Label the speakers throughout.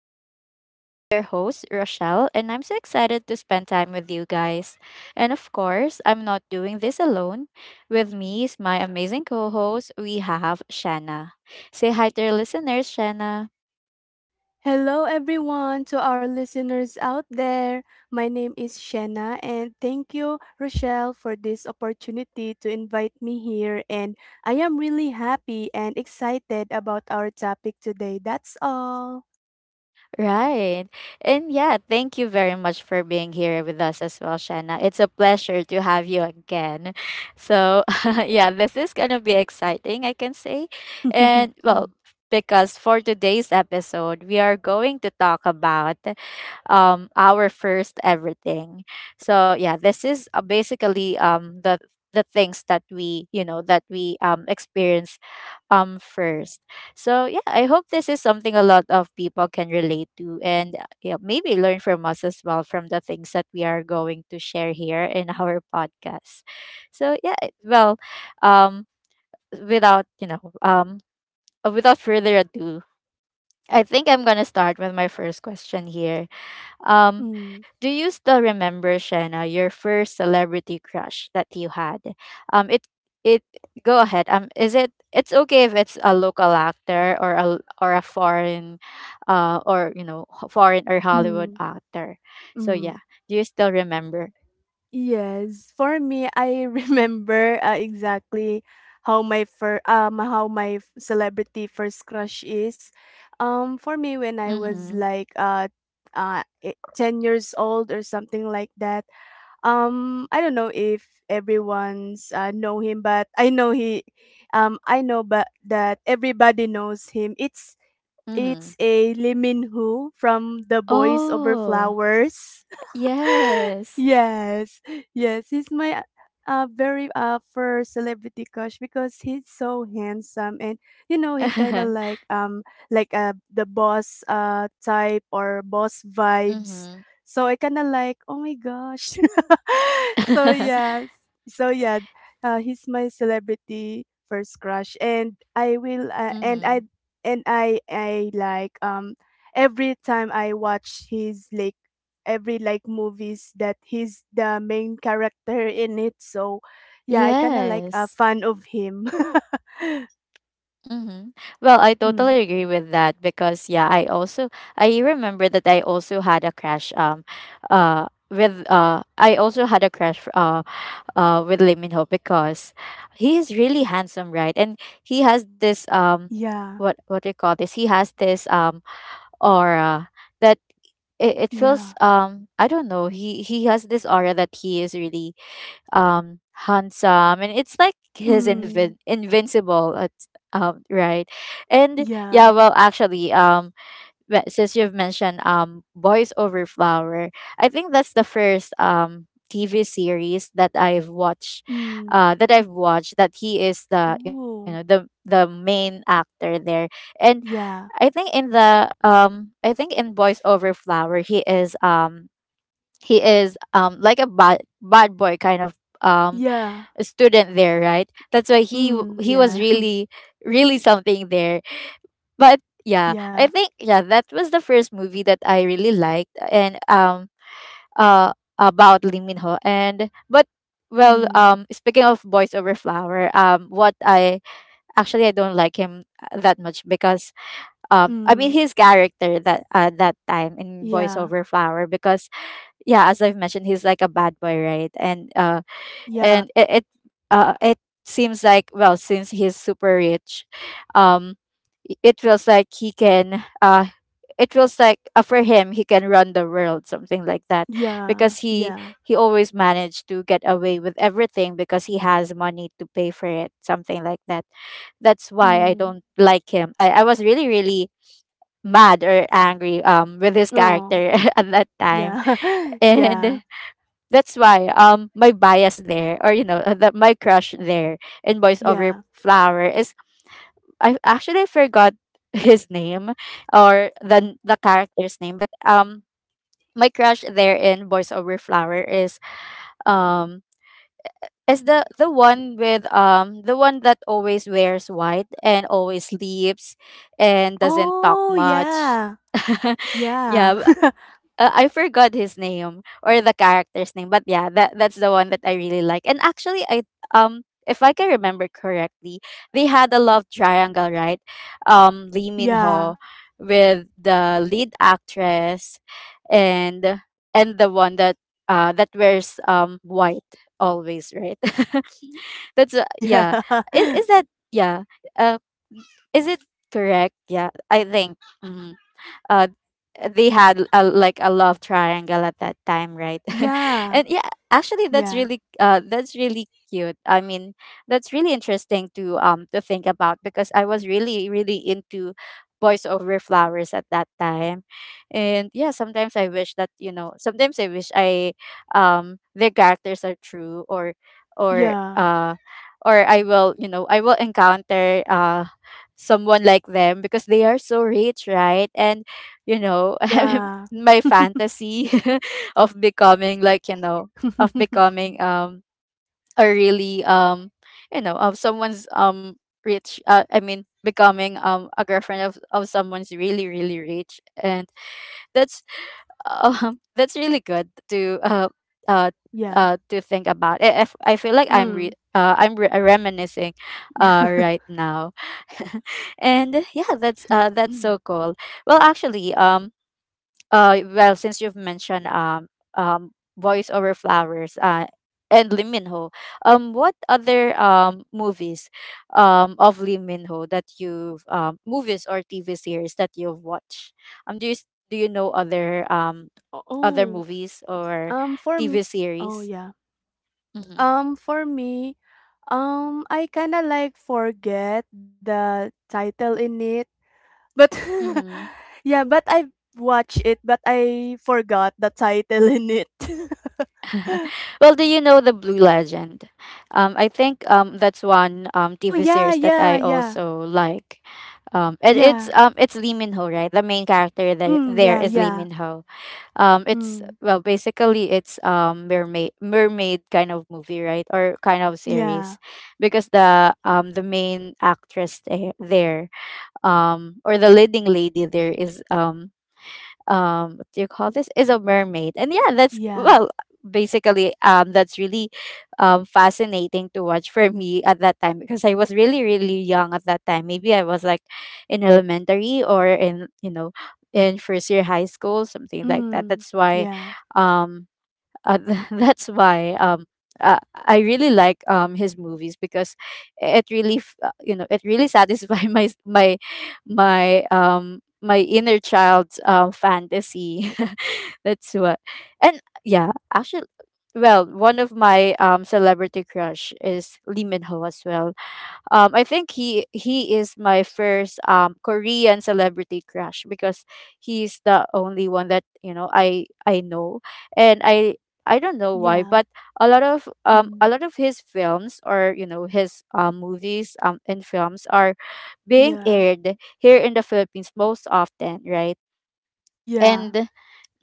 Speaker 1: talks. I'm your host, Rochelle, and I'm so excited to spend time with you guys. And of course, I'm not doing this alone. With me is my amazing co host, we have Shanna. Say hi to your listeners, Shanna.
Speaker 2: Hello, everyone, to our listeners out there. My name is Shanna, and thank you, Rochelle, for this opportunity to invite me here. And I am really happy and excited about our topic today. That's all.
Speaker 1: Right. And yeah, thank you very much for being here with us as well, Shanna. It's a pleasure to have you again. So, yeah, this is going to be exciting, I can say. And well,
Speaker 2: mm,
Speaker 1: because for today's episode, we are going to talk about our first everything. So, yeah, this is basically the things that we experience first. So yeah, I hope this is something a lot of people can relate to and yeah, maybe learn from us as well from the things that we are going to share here in our podcast. So yeah, well, um without, you know, without further ado, I think I'm going to start with my first question here. Um, do you still remember Shanna, your first celebrity crush that you had? It it Go ahead. Is it it's okay if it's a local actor or a foreign, or you know ho- foreign or Hollywood
Speaker 2: mm,
Speaker 1: actor. So
Speaker 2: mm.
Speaker 1: yeah, do you still remember?
Speaker 2: Yes, for me, I remember exactly how my celebrity first crush is. For me, when I was
Speaker 1: Mm-hmm.
Speaker 2: like 10 years old or something like that. I don't know if everyone's know him, but I know he, I know but that everybody knows him. It's
Speaker 1: Mm-hmm.
Speaker 2: it's a Lee Min Ho from The Boys Over
Speaker 1: Oh
Speaker 2: Flowers.
Speaker 1: yes.
Speaker 2: Yes, yes, he's my very first celebrity crush because he's so handsome and you know he kind of
Speaker 1: Mm-hmm.
Speaker 2: like the boss type or boss vibes. So I kind of like oh my gosh. So yeah, so yeah, he's my celebrity first crush and I will
Speaker 1: Mm-hmm.
Speaker 2: and I like every time I watch his every like movies that he's the main character in it. So yeah, I kind of like a
Speaker 1: Yes.
Speaker 2: fan of him.
Speaker 1: Mm-hmm. Well, I
Speaker 2: Mm.
Speaker 1: totally agree with that because yeah, I remember that I also had a crash with I also had a crash with Lee Min Ho because he is really handsome, right? And he has this
Speaker 2: Yeah.
Speaker 1: what do you call this? He has this aura that it feels
Speaker 2: Yeah.
Speaker 1: I don't know, he has this aura that he is really um handsome and it's like his
Speaker 2: Mm.
Speaker 1: invincible at right. And yeah,
Speaker 2: Yeah.
Speaker 1: well, actually, since you've mentioned Boys Over Flower, I think that's the first TV series that I've watched
Speaker 2: Mm.
Speaker 1: that he is the
Speaker 2: Oh.
Speaker 1: the main actor there. And I
Speaker 2: Yeah.
Speaker 1: think in the I think in Boys Over Flower, he is like a bad boy kind of um
Speaker 2: Yeah.
Speaker 1: student there, right? That's why
Speaker 2: Mm.
Speaker 1: he was
Speaker 2: Yeah.
Speaker 1: really really something there. But yeah, I
Speaker 2: Yeah.
Speaker 1: think yeah, that was the first movie that I really liked. And uh about Lee Min Ho. And but well,
Speaker 2: Mm.
Speaker 1: speaking of Boys Over Flower, what I actually I don't like him that much because I mean
Speaker 2: Mm.
Speaker 1: his character that time in Boys
Speaker 2: Yeah.
Speaker 1: Over Flower. Because yeah, as I've mentioned, he's like a bad boy, right? And
Speaker 2: Yeah.
Speaker 1: it, it seems like, well, since he's super rich, um it feels like he can it feels like, for him, he can run the world, something like that.
Speaker 2: Yeah.
Speaker 1: Because
Speaker 2: Yeah.
Speaker 1: he always managed to get away with everything because he has money to pay for it, something like that. That's why I
Speaker 2: Mm.
Speaker 1: don't like him. I was really really mad or angry with his
Speaker 2: Oh.
Speaker 1: character at that time.
Speaker 2: Yeah.
Speaker 1: And
Speaker 2: Yeah.
Speaker 1: that's why my bias there, or you know, that my crush there in Boys Over
Speaker 2: Yeah.
Speaker 1: Flower is, I actually forgot his name or the character's name. But my crush there in Boys Over Flower is, um the one with the one that always wears white and always sleeps and doesn't talk
Speaker 2: Oh,
Speaker 1: much.
Speaker 2: yeah. Yeah.
Speaker 1: Yeah, I forgot his name or the character's name, but yeah, that that's the one that I really like. And actually, I, if I can remember correctly, they had a love triangle, right? Lee Min
Speaker 2: Yeah.
Speaker 1: Ho with the lead actress and the one that that wears white always, right? That's yeah. Is that yeah? Uh, is it correct? Yeah, I think. Mm-hmm. uh they had a, like a love triangle at that time, right?
Speaker 2: Yeah.
Speaker 1: And yeah, actually
Speaker 2: Yeah. Yeah.
Speaker 1: that's really cute. I mean, that's really interesting to think about because I was really really into Boys Over Flowers at that time. And yeah, sometimes I wish that, you know, sometimes I wish I, their characters are true, or or
Speaker 2: Yeah.
Speaker 1: uh or I will, you know, I will encounter someone like them, because they are so rich, right? And you know,
Speaker 2: Yeah.
Speaker 1: my fantasy, of becoming like, you know, of becoming a really you know, of someone's rich, I mean, becoming a girlfriend of someone's really really rich. And that's that's really good uh
Speaker 2: Yeah.
Speaker 1: to think about. I I feel like
Speaker 2: Mm.
Speaker 1: I'm reminiscing right now. And yeah, that's so cool. Well, actually, well, since you've mentioned Voice Over Flowers and Lee Min Ho, what other movies of Lee Min Ho that you've movies or TV series that you've watched? Do you do you know other other
Speaker 2: Oh,
Speaker 1: movies or
Speaker 2: for
Speaker 1: TV
Speaker 2: m oh,
Speaker 1: series?
Speaker 2: yeah.
Speaker 1: Mm-hmm.
Speaker 2: For me, I kinda, forget the title in it, but
Speaker 1: Mm-hmm.
Speaker 2: yeah, but I watched it, but I forgot the title in it.
Speaker 1: Well, do you know The Blue Legend? I think that's one
Speaker 2: Oh,
Speaker 1: TV
Speaker 2: yeah,
Speaker 1: series that I
Speaker 2: yeah, yeah.
Speaker 1: also like. And
Speaker 2: Yeah.
Speaker 1: it's Lee Min Ho, right? The main character
Speaker 2: Mm,
Speaker 1: there
Speaker 2: yeah,
Speaker 1: is Lee
Speaker 2: yeah.
Speaker 1: Min Ho. It's,
Speaker 2: Mm.
Speaker 1: well, basically it's mermaid kind of movie, right? Or kind of series,
Speaker 2: Yeah.
Speaker 1: because the main actress there, or the leading lady there is what do you call this, is a mermaid. And yeah, that's, well,
Speaker 2: Yeah.
Speaker 1: basically that's really fascinating to watch for me at that time, because I was really really young at that time. Maybe I was like in elementary, or in you know, in first year high school, something like that. That's
Speaker 2: Mm.
Speaker 1: why
Speaker 2: Yeah.
Speaker 1: um uh, that's why I really like his movies, because it really you know, it really satisfies my my inner child's fantasy. That's what. And yeah, actually, well, one of my celebrity crush is Lee Min Ho as well. I think he is my first Korean celebrity crush, because he's the only one that you know I know. And I don't know why, but
Speaker 2: Yeah.
Speaker 1: a
Speaker 2: Mm.
Speaker 1: lot of his films, or you know, his movies and films, are being
Speaker 2: Yeah.
Speaker 1: aired here in the Philippines most often, right?
Speaker 2: Yeah.
Speaker 1: And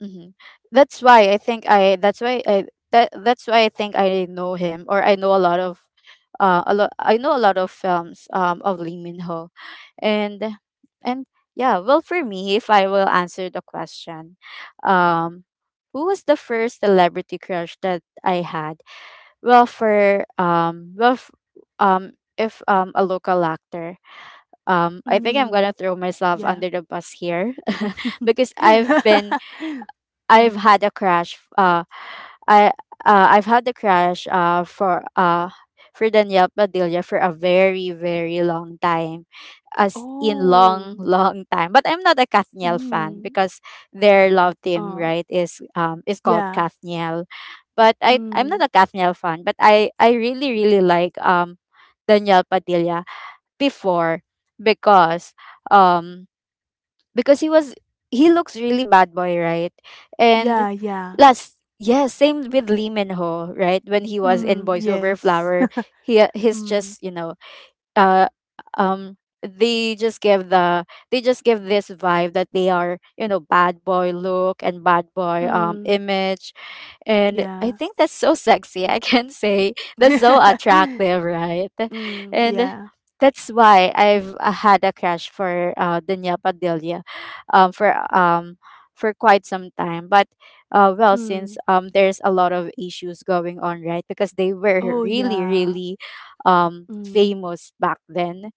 Speaker 1: hmm, That's why I think I. That's why I. That, that's why I think I know him, or I know a lot of, a lot. I know a lot of films, of Lee Min Ho. And, and Yeah, well, for me, if I will answer the question, um, who was the first celebrity crush that I had? Well, if a local actor, I think I'm gonna
Speaker 2: Mm.
Speaker 1: throw myself under
Speaker 2: Yeah.
Speaker 1: the bus here, because I've
Speaker 2: Mm.
Speaker 1: had a crash. I I've had the crash. For Danielle Padilla for a very very long time, as in long
Speaker 2: Oh.
Speaker 1: long time. But I'm not a Kathniel
Speaker 2: Mm.
Speaker 1: fan, because their love team,
Speaker 2: Uh.
Speaker 1: right, is called
Speaker 2: Yeah.
Speaker 1: Kathniel. But I'm not a
Speaker 2: Mm.
Speaker 1: Kathniel fan. But I really really like Danielle Padilla before, because um because he looks really bad boy, right? And
Speaker 2: Yeah. Yeah.
Speaker 1: last yes, same with Lee Min Ho, right? When he was in
Speaker 2: Mm.
Speaker 1: Boys Over
Speaker 2: Yes.
Speaker 1: Flower, he's just
Speaker 2: Mm.
Speaker 1: you know uh um they just give the they just give this vibe that they are you know bad boy look and bad boy
Speaker 2: Mm.
Speaker 1: image. And I
Speaker 2: Yeah.
Speaker 1: think that's so sexy, I can say. That's so attractive, right?
Speaker 2: Mm.
Speaker 1: And
Speaker 2: Yeah.
Speaker 1: that's why I've, had a crush for Dania Padilla um for um for quite some time. But well, since
Speaker 2: Mm.
Speaker 1: there's a lot of issues going on, right, because they were
Speaker 2: Oh.
Speaker 1: really
Speaker 2: Yeah.
Speaker 1: really
Speaker 2: Mm.
Speaker 1: famous back then.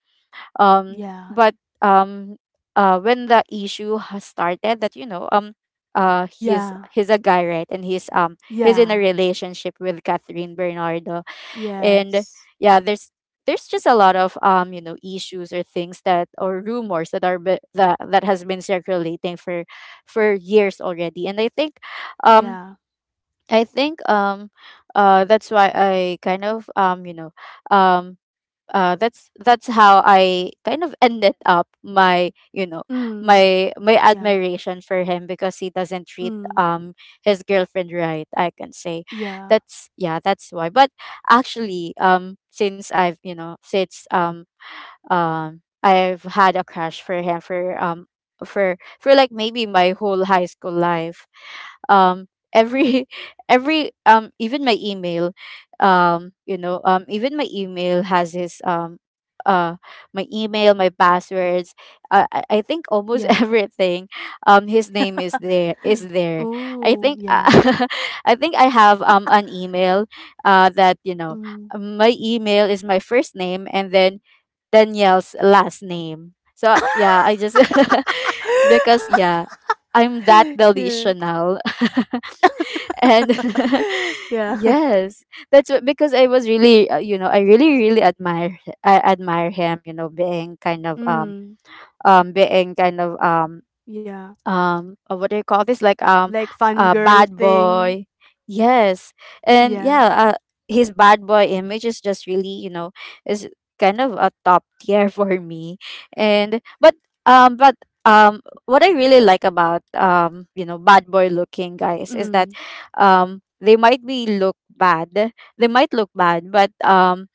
Speaker 1: Um,
Speaker 2: Yeah.
Speaker 1: but um, when the issue has started, that you know,
Speaker 2: Yeah.
Speaker 1: he's a guy, right? And he's in a
Speaker 2: Yeah.
Speaker 1: relationship with Catherine Bernardo. And
Speaker 2: Yes.
Speaker 1: yeah, there's just a lot of you know, issues or things that, or rumors that that has been circulating for years already. And I think um
Speaker 2: Yeah.
Speaker 1: I think um that's why I kind of you know um that's how I kind of ended up my, you know,
Speaker 2: Mm.
Speaker 1: my
Speaker 2: Yeah.
Speaker 1: admiration for him, because he doesn't treat
Speaker 2: Mm,
Speaker 1: his girlfriend right, I can say.
Speaker 2: yeah,
Speaker 1: That's, yeah, that's why. But actually, since I've had a crush for him for like maybe my whole high school life. um every every even my email, even my email has his uh my email, my passwords, I think almost
Speaker 2: yeah.
Speaker 1: everything, his name is there. I
Speaker 2: Oh,
Speaker 1: think
Speaker 2: yeah,
Speaker 1: I think I have an email that, you know,
Speaker 2: mm.
Speaker 1: my email is my first name and then Danielle's last name. So yeah, I just because yeah, I'm that
Speaker 2: Yeah.
Speaker 1: delusional. And
Speaker 2: Yeah.
Speaker 1: yes, that's what, because I was really you know, I really admire, I admire him, you know,
Speaker 2: Mm,
Speaker 1: being kind of
Speaker 2: yeah.
Speaker 1: what do you call this, like
Speaker 2: Like fun
Speaker 1: a
Speaker 2: girl
Speaker 1: bad
Speaker 2: thing.
Speaker 1: boy. Yes. And
Speaker 2: Yeah.
Speaker 1: yeah, his bad boy image is just really, you know, is kind of a top tier for me. And but what I really like about, you know, bad boy looking guys is that
Speaker 2: Mm,
Speaker 1: they might be look bad, they might look bad, but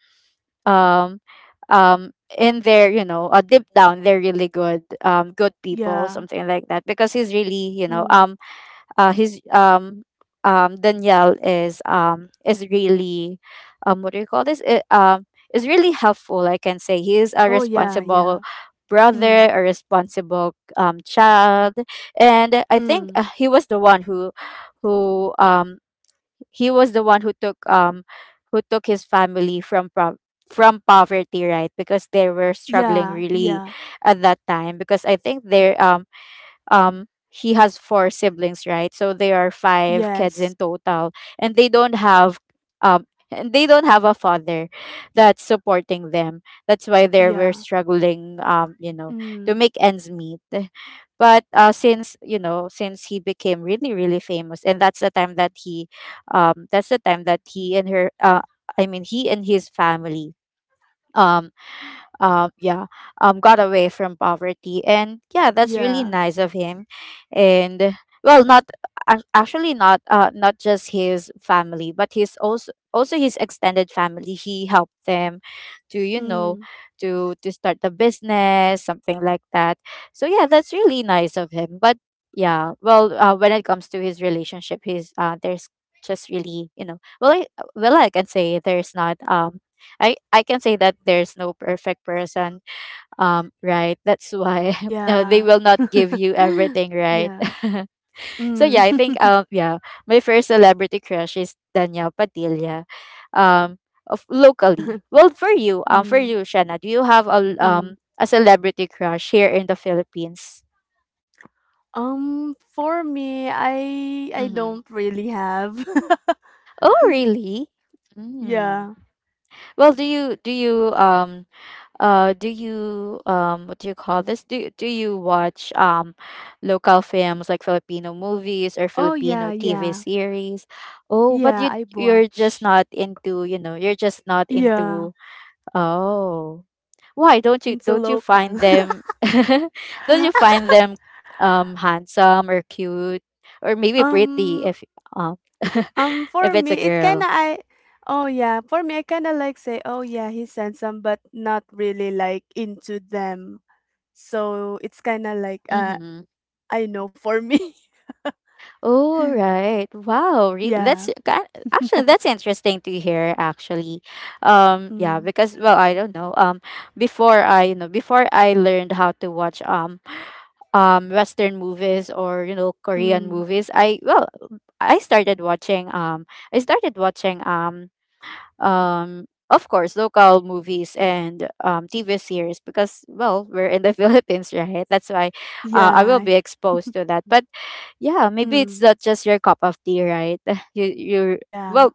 Speaker 1: um um in their, you know, deep down they're really good, good people,
Speaker 2: yeah.
Speaker 1: something like that, because he's really, you know,
Speaker 2: Mm.
Speaker 1: he's Danielle is really what do you call this, it, is really helpful. I can say he is a
Speaker 2: Oh, yeah,
Speaker 1: responsible
Speaker 2: yeah.
Speaker 1: brother,
Speaker 2: Mm,
Speaker 1: a responsible child. And I think
Speaker 2: mm.
Speaker 1: he was the one who, who um he was the one who took his family from from poverty, right, because they were struggling
Speaker 2: Yeah,
Speaker 1: really
Speaker 2: yeah.
Speaker 1: at that time, because I think their he has 4 siblings, right, so there are 5 kids in
Speaker 2: Yes.
Speaker 1: total, and they don't have um and they don't have a father that's supporting them. That's why they were
Speaker 2: Yeah.
Speaker 1: struggling, you know, to
Speaker 2: Mm,
Speaker 1: make ends meet. But since, you know, since he became really really famous, and that's the time that he that's the time that he and her I mean he and his family um yeah, got away from poverty, and yeah, that's really
Speaker 2: yeah.
Speaker 1: nice of him. And well, not actually, not not just his family, but his also, also his extended family, he helped them to, you know,
Speaker 2: Mm,
Speaker 1: to start the business, something like that. So yeah, that's really nice of him. But yeah, well, when it comes to his relationship, his there's just really, you know, well, I can say there's not I can say that there's no perfect person. Right. That's why they
Speaker 2: yeah.
Speaker 1: will not give you everything, right?
Speaker 2: Yeah.
Speaker 1: So yeah, I
Speaker 2: Mm.
Speaker 1: think yeah, my first celebrity crush is Danielle Padilla. Um, of locally. Well, for
Speaker 2: Mm,
Speaker 1: you, Shanna, do you have a
Speaker 2: mm.
Speaker 1: a celebrity crush here in the Philippines?
Speaker 2: For me, I
Speaker 1: Mm-hmm.
Speaker 2: don't really have.
Speaker 1: Oh, really? Mm.
Speaker 2: Yeah.
Speaker 1: Well, do you what do you call this, do you watch local films, like Filipino movies or
Speaker 2: Oh, yeah,
Speaker 1: Filipino TV
Speaker 2: yeah.
Speaker 1: series? Oh, but
Speaker 2: Yeah, I
Speaker 1: you're just
Speaker 2: watch.
Speaker 1: not into, you know, you're just not
Speaker 2: Yeah,
Speaker 1: into, oh, why
Speaker 2: into
Speaker 1: don't you
Speaker 2: local.
Speaker 1: find them don't you find them handsome or cute or maybe pretty
Speaker 2: Um,
Speaker 1: if um if
Speaker 2: for
Speaker 1: it's a
Speaker 2: me, it kinda
Speaker 1: girl.
Speaker 2: I. Oh yeah, for me, I kinda like say, oh yeah, he's handsome, but not really like into them. So it's kinda like
Speaker 1: Mhm.
Speaker 2: I know for me.
Speaker 1: Oh, right. Wow. Really?
Speaker 2: Yeah.
Speaker 1: That's actually that's interesting to hear actually. Yeah,
Speaker 2: Mm,
Speaker 1: because well, I don't know. Before I, you know, before I learned how to watch western movies, or, you know, Korean
Speaker 2: mm.
Speaker 1: movies, I, well, I started watching um I started watching of course, local movies and TV series, because well, we're in the Philippines, right? That's why I will
Speaker 2: Yeah.
Speaker 1: be exposed to that. But yeah, maybe
Speaker 2: Mm,
Speaker 1: it's not just your cup of tea, right? You
Speaker 2: yeah.
Speaker 1: well,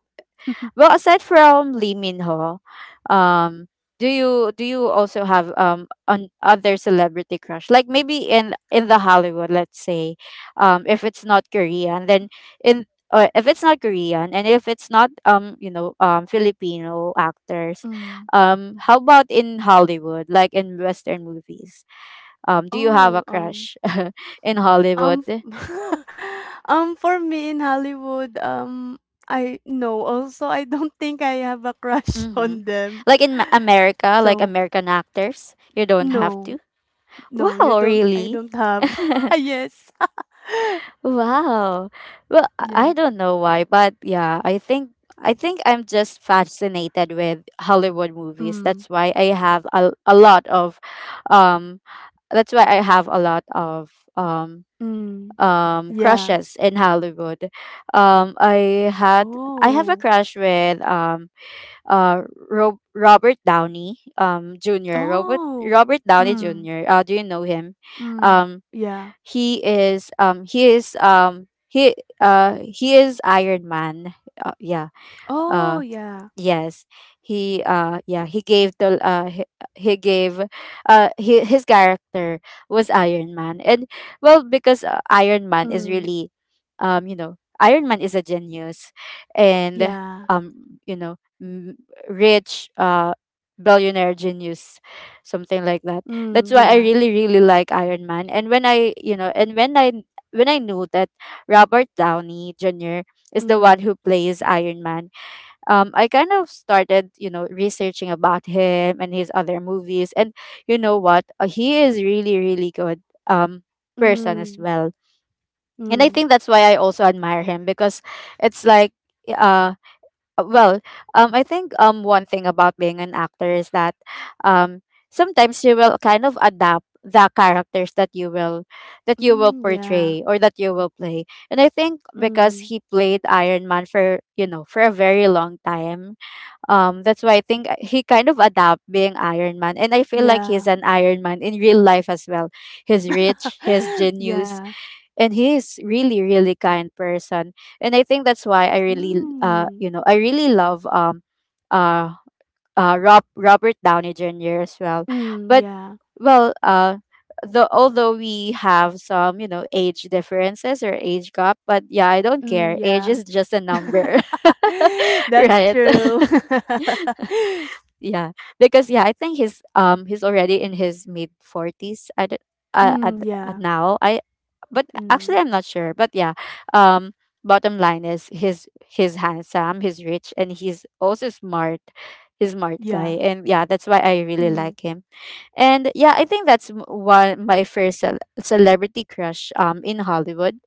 Speaker 1: well, aside from Lee Min Ho, um, do you also have an other celebrity crush? Like maybe in the Hollywood, let's say, if it's not Korean, then in or if it's not Korean, and if it's not Filipino actors,
Speaker 2: Mm.
Speaker 1: how about in Hollywood, like in Western movies? Do you have a
Speaker 2: Oh,
Speaker 1: crush in
Speaker 2: um,
Speaker 1: Hollywood?
Speaker 2: f- for me in Hollywood, I no, also I don't think I have a crush
Speaker 1: Mm-hmm.
Speaker 2: on them.
Speaker 1: Like in America, like
Speaker 2: So
Speaker 1: American actors, you don't have
Speaker 2: no,
Speaker 1: to.
Speaker 2: no, you
Speaker 1: Wow,
Speaker 2: don't. I
Speaker 1: really?
Speaker 2: don't have. Yes.
Speaker 1: Wow. Well, I
Speaker 2: Yeah.
Speaker 1: I don't know why, but yeah, I think I'm just fascinated with Hollywood movies.
Speaker 2: Mm.
Speaker 1: That's why I have a lot of um that's why I have a lot of
Speaker 2: Mm. Yeah.
Speaker 1: crushes in Hollywood. I had, I have a
Speaker 2: Oh.
Speaker 1: crush with uh Robert Downey Jr.
Speaker 2: Oh.
Speaker 1: Robert Downey
Speaker 2: Mm.
Speaker 1: Jr. Do you know him?
Speaker 2: Mm.
Speaker 1: Um,
Speaker 2: Yeah.
Speaker 1: he is he is he is Iron Man. Yeah.
Speaker 2: Oh
Speaker 1: uh,
Speaker 2: yeah.
Speaker 1: Yes, he yeah, he gave, he, his character was Iron Man. And well, because Iron Man is
Speaker 2: Mm.
Speaker 1: really you know, Iron Man is a genius, and
Speaker 2: Yeah.
Speaker 1: you know, rich, billionaire genius, something like that. That's
Speaker 2: Mm.
Speaker 1: why I
Speaker 2: Yeah.
Speaker 1: really really like Iron Man. And when I, you know, and when I knew that Robert Downey Jr. is the one who
Speaker 2: Mm.
Speaker 1: plays Iron Man, I kind of started, you know, researching about him and his other movies. And you know what? He is really, really good person as
Speaker 2: Mm.
Speaker 1: well. And I
Speaker 2: Mm.
Speaker 1: think that's why I also admire him because it's like, uh, well, I think one thing about being an actor is that um, sometimes you will kind of adapt the characters that you will
Speaker 2: Mm. Yeah.
Speaker 1: portray, or that you will play. And I think
Speaker 2: Mm,
Speaker 1: because he played Iron Man for, you know, for a very long time, that's why I think he kind of adapt being Iron Man, and I feel like he's
Speaker 2: yeah.
Speaker 1: an Iron Man in real life as well. He's rich, he's genius,
Speaker 2: Yeah.
Speaker 1: and he is really, really kind person. And I think that's why I really,
Speaker 2: Mm.
Speaker 1: you know, I really love uh, Robert Downey Jr. as well.
Speaker 2: Mm,
Speaker 1: But
Speaker 2: yeah.
Speaker 1: well, the although we have some, you know, age differences or age gap, but yeah, I don't
Speaker 2: Mm,
Speaker 1: care. Age
Speaker 2: yeah.
Speaker 1: is just a number,
Speaker 2: That's
Speaker 1: right?
Speaker 2: true.
Speaker 1: Yeah, because yeah, I think he's already in his mid 40s. I don't uh, at,
Speaker 2: Mm,
Speaker 1: at
Speaker 2: yeah.
Speaker 1: now I, but
Speaker 2: Mm,
Speaker 1: actually I'm not sure, but yeah, um bottom line is he's handsome, he's rich, and he's also smart. He's smart
Speaker 2: yeah.
Speaker 1: guy, and yeah, that's why I really
Speaker 2: Mm,
Speaker 1: like him. And yeah, I think that's one my first celebrity crush in Hollywood.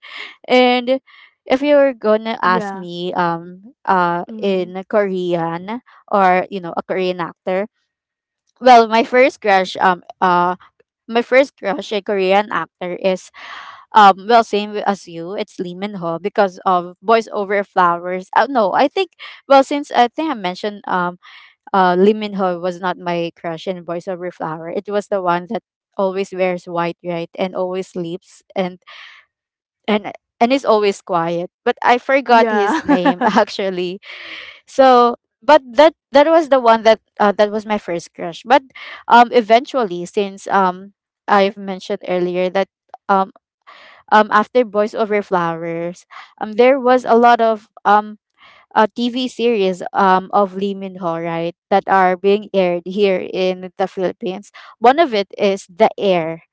Speaker 1: And if you're gonna ask
Speaker 2: yeah.
Speaker 1: me
Speaker 2: Mm,
Speaker 1: in Korean, or you know, a Korean actor, well my first crush my first crush, a Korean actor, is well, same as you, it's Lee Min Ho, because of Boys Over Flowers. No, I think, well, since I think I mentioned Lee Min Ho was not my crush in Boys Over Flower. It was the one that always wears white, right, and always sleeps and and and is always quiet. But I forgot his name
Speaker 2: yeah.
Speaker 1: actually. So, but that was the one that that was my first crush. But eventually, since I've mentioned earlier that um, after Boys Over Flowers, there was a lot of TV series of Lee Min Ho, right, that are being aired here in the Philippines. One of it is The Heir.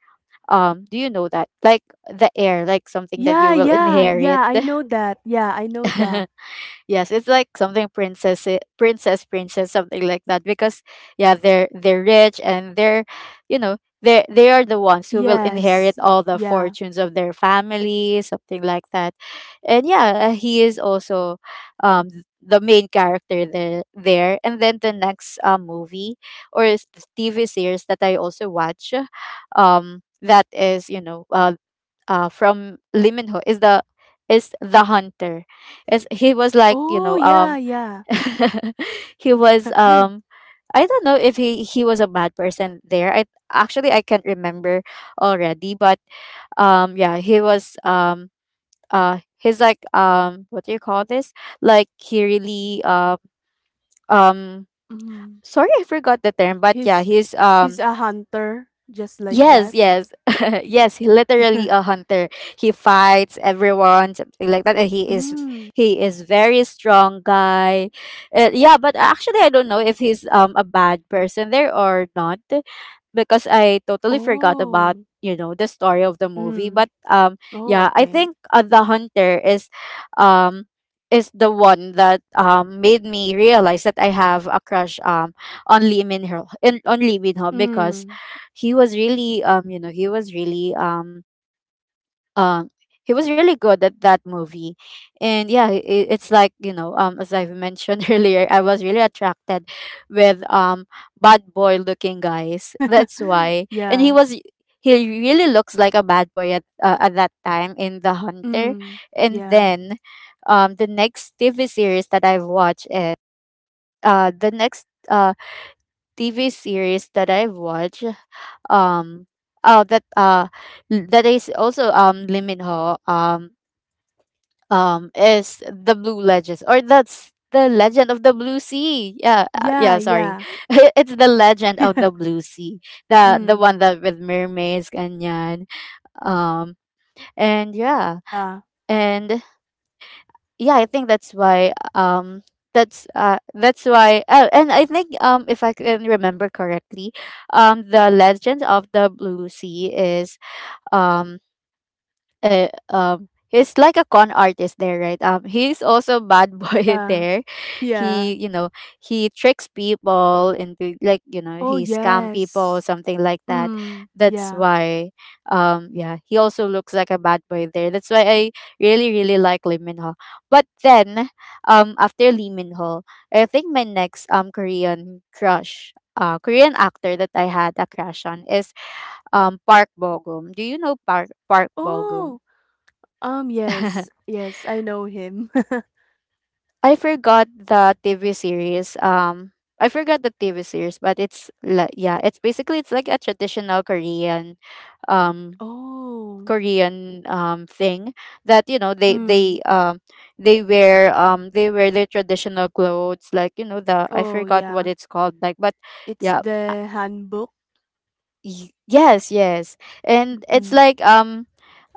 Speaker 1: Do you know that? Like The Heir, like something that
Speaker 2: Yeah,
Speaker 1: you will
Speaker 2: yeah,
Speaker 1: inherit.
Speaker 2: yeah, I know that. Yeah, I know that.
Speaker 1: Yes, it's like something princess, princess, something like that. Because yeah, they're rich, and they're, you know, they are the ones who will inherit
Speaker 2: Yes.
Speaker 1: all the
Speaker 2: Yeah.
Speaker 1: fortunes of their family, something like that. And yeah, he is also, the main character there. There and then the next movie or TV series that I also watch, that is, you know, from Liminho is the, is the hunter. Is, he was like, you
Speaker 2: Oh,
Speaker 1: know,
Speaker 2: yeah, yeah.
Speaker 1: he was I don't know if he was a bad person there. I actually I can't remember already, but yeah, he was he's like, what do you call this? Like he really um
Speaker 2: Mm.
Speaker 1: sorry, I forgot the term, but yeah,
Speaker 2: He's
Speaker 1: he's
Speaker 2: he's
Speaker 1: um.
Speaker 2: a hunter just like
Speaker 1: Yes,
Speaker 2: that.
Speaker 1: yes. Yes, he literally a hunter. He fights everyone, something like that. And he is
Speaker 2: Mm.
Speaker 1: very strong guy. Yeah, but actually I don't know if he's a bad person there or not, because I totally forgot about,
Speaker 2: Oh,
Speaker 1: you know, the story of the movie.
Speaker 2: mm.
Speaker 1: But
Speaker 2: Oh,
Speaker 1: yeah, I
Speaker 2: okay.
Speaker 1: think the hunter um is the one that made me realize that I have a crush on Lee Min Ho in on Lee Min Ho because
Speaker 2: Mm.
Speaker 1: he was really um he was really good at that movie. And yeah, it's like, as I've mentioned earlier, I was really attracted with bad boy looking guys. That's why. And
Speaker 2: Yeah.
Speaker 1: he really looks like a bad boy at that time in the hunter.
Speaker 2: Mm.
Speaker 1: And
Speaker 2: Yeah.
Speaker 1: then the next TV series that I've watched is— the next TV series that I've watched, um oh, that that is also Lim Min Ho. Is the blue legends— or that's the legend of the blue sea. Yeah,
Speaker 2: Yeah,
Speaker 1: yeah, sorry.
Speaker 2: yeah.
Speaker 1: It's the legend of the blue sea, the
Speaker 2: Mm.
Speaker 1: one that with mermaids ganyan. um and yeah,
Speaker 2: Yeah.
Speaker 1: and yeah, I think that's why. That's why. Oh, and I think if I can remember correctly, the legend of the blue sea is um he's like a con artist there, right? He's also bad boy
Speaker 2: Yeah.
Speaker 1: there.
Speaker 2: Yeah.
Speaker 1: He you know he tricks people into, like,
Speaker 2: Oh,
Speaker 1: he scam people,
Speaker 2: yes.
Speaker 1: something like that.
Speaker 2: Mm.
Speaker 1: That's
Speaker 2: Yeah.
Speaker 1: why yeah, he also looks like a bad boy there. That's why I really, really like Lee Min Ho. But then after Lee Min Ho, I think my next Korean crush— Korean actor that I had a crush on is Park Bogum. Do you know Park Bogum?
Speaker 2: Oh, yes. Yes, I know him.
Speaker 1: I forgot the TV series. I forgot the TV series, but it's yeah, it's basically it's like a traditional Korean, um,
Speaker 2: Oh.
Speaker 1: Korean thing that, you know,
Speaker 2: Mm.
Speaker 1: they wear their traditional clothes, like, you know, the— I
Speaker 2: Oh,
Speaker 1: forgot what
Speaker 2: yeah.
Speaker 1: it's called, like, but
Speaker 2: It's
Speaker 1: yeah,
Speaker 2: the handbook.
Speaker 1: yes, yes. And it's
Speaker 2: Mhm.
Speaker 1: like,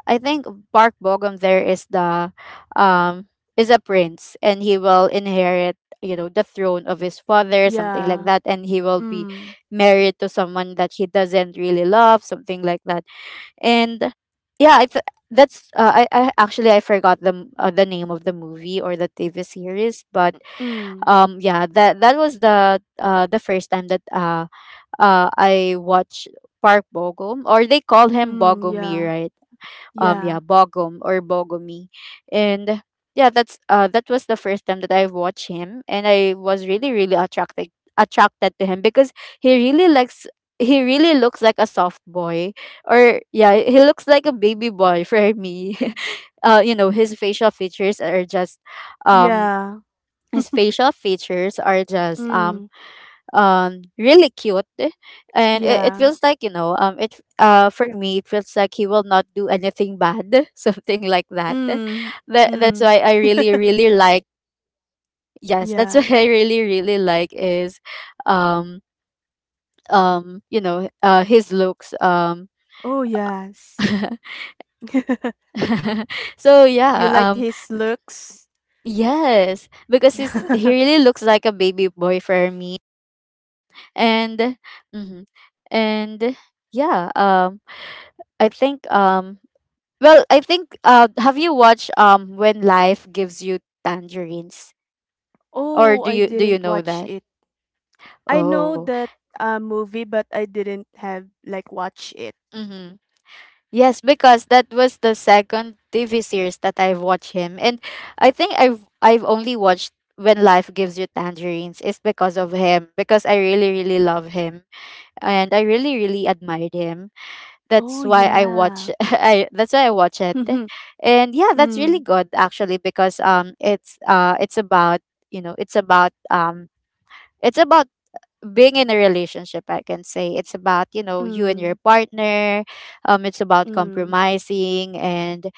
Speaker 1: I think Bark Bogum there is the— um is a prince, and he will inherit, the throne of his father, something like
Speaker 2: Yeah.
Speaker 1: that, and he will be
Speaker 2: Mm.
Speaker 1: married to someone that he doesn't really love, something like that. And yeah, that's I actually I forgot the the name of the movie or the TV series, but
Speaker 2: Mm.
Speaker 1: yeah, that was the first time that I watched Park Bogum, or they call him
Speaker 2: Mm. Yeah.
Speaker 1: Bogomir. Yeah,
Speaker 2: Yeah.
Speaker 1: bogom or bogomi. And yeah, that was the first time that I watched him, and I was really, really attracted to him because he really likes he really looks like a soft boy, or yeah, he looks like a baby boy for me. uh you know his facial features are just um
Speaker 2: Yeah.
Speaker 1: his facial features are just
Speaker 2: Mm.
Speaker 1: really cute. And it
Speaker 2: Yeah.
Speaker 1: feels like, it for me, it feels like he will not do anything bad something like that.
Speaker 2: Mm.
Speaker 1: That's
Speaker 2: Mm.
Speaker 1: why I really, really like— yes, that's what
Speaker 2: Yeah.
Speaker 1: I really, really like is um his looks.
Speaker 2: Oh, yes.
Speaker 1: So
Speaker 2: You
Speaker 1: yeah.
Speaker 2: liked his looks?
Speaker 1: Yes, because he really looks like a baby boy for me. And mhm, and yeah, I think well, I think have you watched When Life Gives You Tangerines? Or
Speaker 2: Oh, I
Speaker 1: do you
Speaker 2: didn't
Speaker 1: know
Speaker 2: watch
Speaker 1: that?
Speaker 2: it. I
Speaker 1: Oh.
Speaker 2: know that movie, but I didn't have like watch it.
Speaker 1: Mm-hmm. Yes, because that was the second TV series that I've watched him. And I think I've only watched When Life Gives You Tangerines is because of him, because I really, really love him, and I really, really admired him. That's
Speaker 2: Oh,
Speaker 1: why I watch—
Speaker 2: yeah.
Speaker 1: I that's why I watch it. And yeah, that's
Speaker 2: Mm.
Speaker 1: really good actually, because it's about, you know, it's about being in a relationship, I can say. It's about, you know, you and your
Speaker 2: Mm.
Speaker 1: partner. It's about
Speaker 2: Mm.
Speaker 1: compromising, and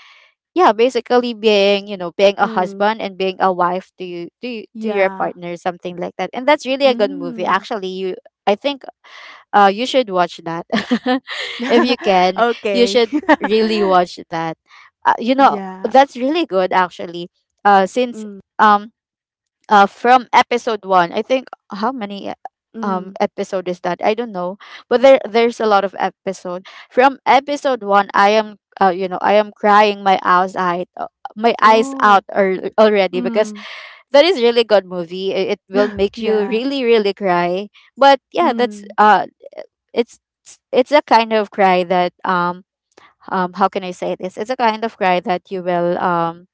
Speaker 1: yeah, basically being, you know, being a
Speaker 2: Mm.
Speaker 1: husband and being a wife to you, to your
Speaker 2: Yeah.
Speaker 1: partner, something like that. And that's really a good movie.
Speaker 2: Mm.
Speaker 1: Actually, you I think you should watch that if you can. You
Speaker 2: Okay.
Speaker 1: should really watch that. You know
Speaker 2: Yeah.
Speaker 1: that's really good actually. Since
Speaker 2: Mm.
Speaker 1: um from episode one, I think how many
Speaker 2: Mm.
Speaker 1: episode is that? I don't know, but there's a lot of episode. From episode one, I am I am crying my eyes
Speaker 2: Oh.
Speaker 1: out already, because
Speaker 2: Mm.
Speaker 1: that is really good movie. It will make you
Speaker 2: Yeah.
Speaker 1: really, really cry. But yeah, that's
Speaker 2: Mm.
Speaker 1: it's a kind of cry that how can I say this? It's a kind of cry that you will—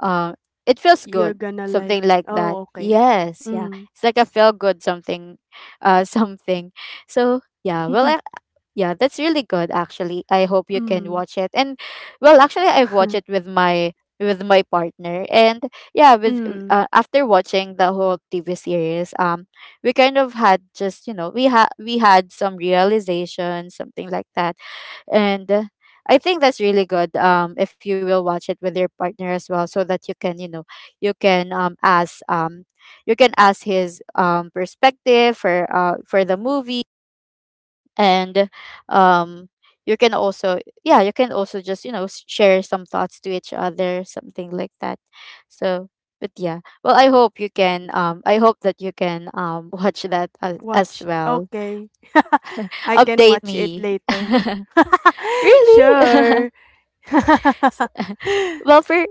Speaker 1: uh, it feels
Speaker 2: You're
Speaker 1: good.
Speaker 2: gonna like
Speaker 1: Something like
Speaker 2: oh,
Speaker 1: that.
Speaker 2: okay.
Speaker 1: Yes, yeah.
Speaker 2: Mm.
Speaker 1: It's like a feel good something— something. So yeah, well, yeah, that's really good actually. I hope you can
Speaker 2: Mm.
Speaker 1: watch it. And well, actually I've watched it with my partner, and yeah, with—
Speaker 2: Mm.
Speaker 1: after watching the whole TV series, we kind of had just, you know, we had some realization, something like that. And I think that's really good if you will watch it with your partner as well, so that you can you know you can ask you can ask his perspective for the movie, and um you can also— yeah, you can also just, you know, share some thoughts to each other, something like that. So, but yeah, well, I hope that you can watch that as
Speaker 2: Watch.
Speaker 1: well.
Speaker 2: Okay. I can
Speaker 1: Update
Speaker 2: watch it
Speaker 1: me.
Speaker 2: later.
Speaker 1: Really.
Speaker 2: Sure.
Speaker 1: Well, for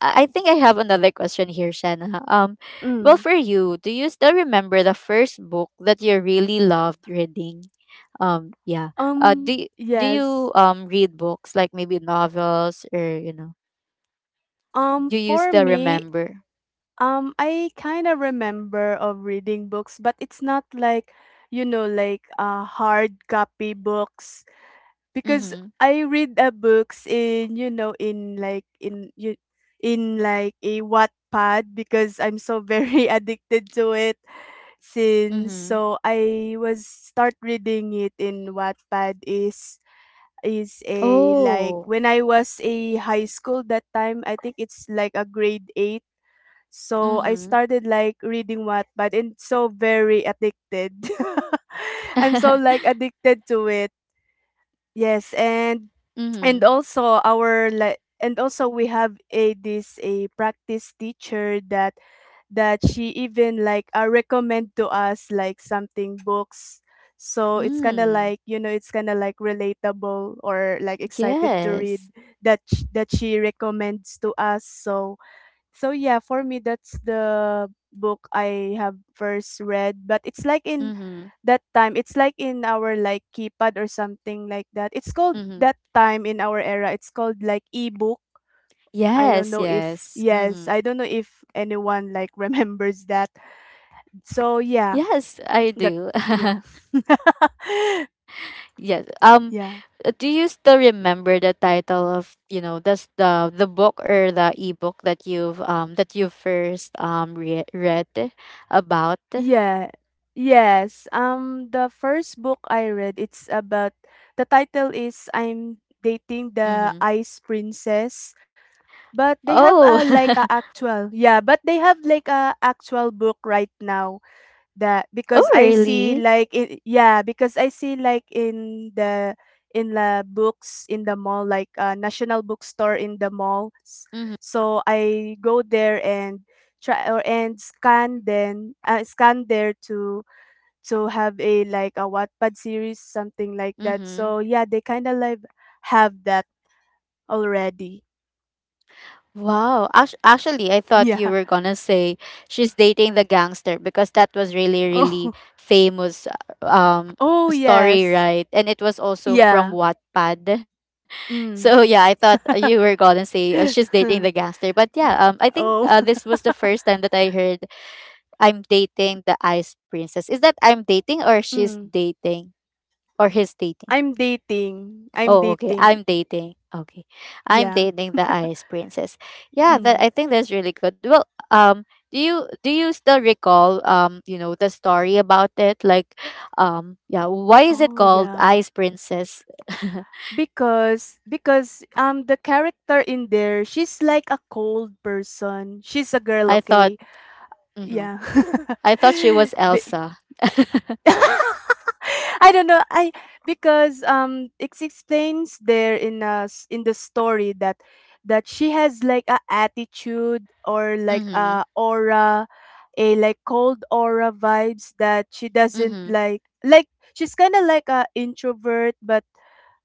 Speaker 1: I think I have another question here, Shanna. Well,
Speaker 2: Mm.
Speaker 1: for you, do you still remember the first book that you really loved reading? Yeah.
Speaker 2: Um,
Speaker 1: Do do you
Speaker 2: yes.
Speaker 1: read books, like, maybe novels, or you know? Do you
Speaker 2: For
Speaker 1: still
Speaker 2: me,
Speaker 1: remember?
Speaker 2: I kind of remember of reading books, but it's not you know, like hard copy books because
Speaker 1: Mm-hmm.
Speaker 2: I read books in you know in like a Wattpad because I'm so very addicted to it since
Speaker 1: Mm-hmm.
Speaker 2: so I was start reading it in Wattpad is a like
Speaker 1: Oh.
Speaker 2: when I was a high school that time I think it's like a grade 8. So I
Speaker 1: Mm-hmm.
Speaker 2: started like reading Wattpad and so very addicted. I'm so like addicted to it, yes. And
Speaker 1: Mm-hmm.
Speaker 2: also our like, and also we have a this a practice teacher that she even like recommend to us like something books. So it's kind of
Speaker 1: Mm.
Speaker 2: like you know it's kind of like relatable or like excited to read
Speaker 1: Yes.
Speaker 2: that she recommends to us. So so yeah, for me, that's the book I have first read, but it's like in
Speaker 1: Mm-hmm.
Speaker 2: that time, it's like in our like keypad or something like that. It's called,
Speaker 1: Mm-hmm.
Speaker 2: that time in our era, it's called like ebook.
Speaker 1: Yes. Yes. Mm-hmm.
Speaker 2: I don't know if anyone like remembers that. So yeah,
Speaker 1: Yes, I
Speaker 2: that,
Speaker 1: do.
Speaker 2: yeah.
Speaker 1: Yes.
Speaker 2: Yeah,
Speaker 1: Do you still remember the title of, you know, that's the book or the ebook that you've that you first read about?
Speaker 2: yeah, yes. The first book I read, it's about the title is I'm Dating the
Speaker 1: Mm-hmm.
Speaker 2: Ice Princess. But they have
Speaker 1: Oh,
Speaker 2: a like a actual, yeah, but they have like a actual book right now that,
Speaker 1: oh,
Speaker 2: because I see
Speaker 1: really?
Speaker 2: like in, yeah, because I see like in the, in the books in the mall, like a national bookstore in the mall.
Speaker 1: Mm-hmm.
Speaker 2: So I go there and try or and scan then scan there to have a like a Wattpad series something like that.
Speaker 1: Mm-hmm.
Speaker 2: So yeah, they kind of like have that already.
Speaker 1: Wow. Actually, I thought you
Speaker 2: Yeah.
Speaker 1: were gonna say she's dating the gangster because that was really, really
Speaker 2: Oh.
Speaker 1: famous um
Speaker 2: Oh,
Speaker 1: story,
Speaker 2: yes.
Speaker 1: right? And it was also from
Speaker 2: Yeah.
Speaker 1: Wattpad. So yeah, I
Speaker 2: Mm.
Speaker 1: thought you were gonna say she's dating the gangster. But yeah, I think
Speaker 2: Oh.
Speaker 1: this was the first time that I heard I'm dating the Ice Princess. Is that I'm dating, or she's
Speaker 2: Mm.
Speaker 1: dating, or he's dating?
Speaker 2: I'm dating. I'm
Speaker 1: Oh, okay.
Speaker 2: dating.
Speaker 1: I'm dating. Okay. I'm
Speaker 2: Yeah.
Speaker 1: dating the Ice Princess. Yeah, that
Speaker 2: Mm.
Speaker 1: I think that's really good. Well, um do you still recall you know the story about it, like, yeah, why is it
Speaker 2: Oh,
Speaker 1: called
Speaker 2: yeah.
Speaker 1: Ice Princess?
Speaker 2: Because the character in there, she's like a cold person. She's a girl,
Speaker 1: I thought—
Speaker 2: okay?
Speaker 1: mhm.
Speaker 2: Yeah.
Speaker 1: I thought she was
Speaker 2: Be-
Speaker 1: Elsa.
Speaker 2: I don't know. I, because it explains there in us in the story that she has like a attitude or like
Speaker 1: Mhm.
Speaker 2: a aura, a like cold aura vibes that she
Speaker 1: Mhm.
Speaker 2: doesn't like. Like she's kind of like a introvert, but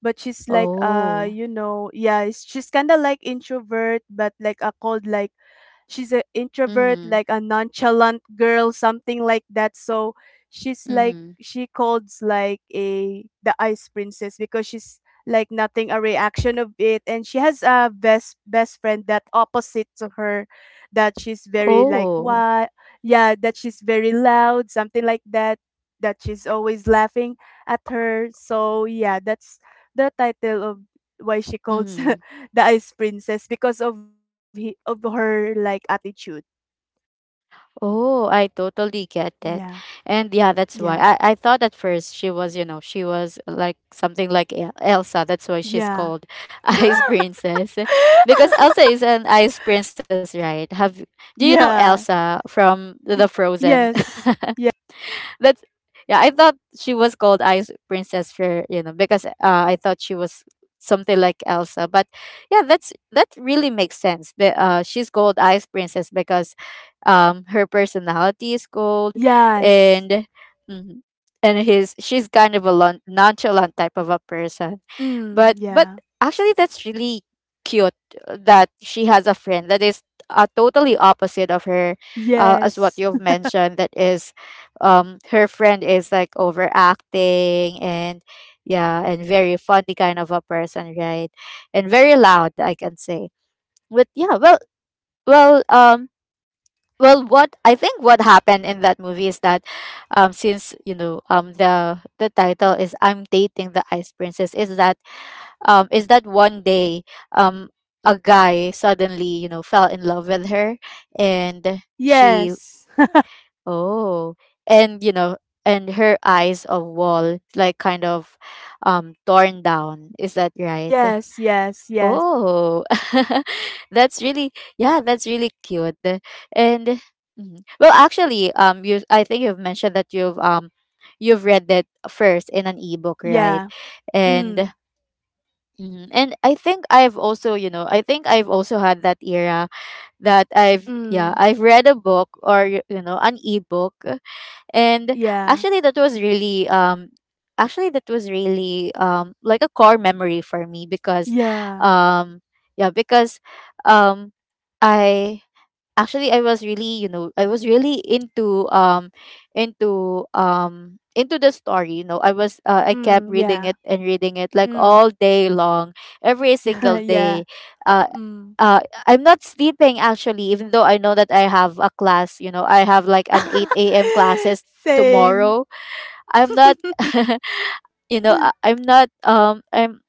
Speaker 2: she's like
Speaker 1: Oh.
Speaker 2: you know, yeah, she's kind of like introvert but like a cold like, she's an introvert,
Speaker 1: Mhm.
Speaker 2: like a nonchalant girl, something like that. So she's like
Speaker 1: Mhm.
Speaker 2: she calls like a the ice princess because she's like nothing a reaction of it. And she has a best friend that opposite to her, that she's very like
Speaker 1: Oh,
Speaker 2: what, yeah, that she's very loud something like that, that she's always laughing at her. So yeah, that's the title of why she calls
Speaker 1: Mhm.
Speaker 2: the ice princess because of of her like attitude.
Speaker 1: Oh, I totally get that.
Speaker 2: Yeah.
Speaker 1: And yeah, that's why.
Speaker 2: Yeah.
Speaker 1: I thought at first she was, you know, she was like something like Elsa. That's why she's
Speaker 2: Yeah.
Speaker 1: called Ice Princess. Because Elsa is an ice princess, right? Have Do you know
Speaker 2: Yeah.
Speaker 1: Elsa from the
Speaker 2: Y-
Speaker 1: Frozen?
Speaker 2: yes.
Speaker 1: That's Yeah, I thought she was called Ice Princess for— because I thought she was something like Elsa. But yeah, that really makes sense. But she's called Ice Princess because her personality is cold,
Speaker 2: Yes.
Speaker 1: and mhm, and his she's kind of a nonchalant type of a person.
Speaker 2: Mm,
Speaker 1: But
Speaker 2: yeah.
Speaker 1: actually, that's really cute that she has a friend that is totally opposite of her, as what
Speaker 2: Yes.
Speaker 1: you've mentioned, that is, her friend is like overacting, and yeah, and very funny kind of a person, right? And very loud, I can say. But yeah, well well, what I think what happened in that movie is that, since, you know, the title is I'm Dating the Ice Princess, is that one day um a guy suddenly, you know, fell in love with her, and she—
Speaker 2: Yes.
Speaker 1: Oh, and, you know, and her eyes of wall, like, kind of torn down. Is that right?
Speaker 2: Yes, yes, yes.
Speaker 1: Oh, that's really— yeah, that's really cute. And mhm. Well, actually, you I think you've mentioned that you've read that first in an ebook, right?
Speaker 2: Yeah. Mm.
Speaker 1: And mhm. And I think I've also, I think I've also had that era that I've, yeah,
Speaker 2: Mm.
Speaker 1: I've read a book or an ebook. And
Speaker 2: Yeah.
Speaker 1: actually that was really actually that was really like a core memory for me because
Speaker 2: Yeah.
Speaker 1: um yeah because um I actually I was really, I was really into into the story, I was I kept
Speaker 2: Mm.
Speaker 1: reading
Speaker 2: Yeah.
Speaker 1: it and reading it like
Speaker 2: Mm.
Speaker 1: all day long, every single
Speaker 2: Yeah.
Speaker 1: day. Uh
Speaker 2: Mm.
Speaker 1: uh, I'm not sleeping actually, even though I know that I have a class. You know, I have like an 8 a.m. classes
Speaker 2: Same.
Speaker 1: tomorrow. I'm not, you know, I'm not.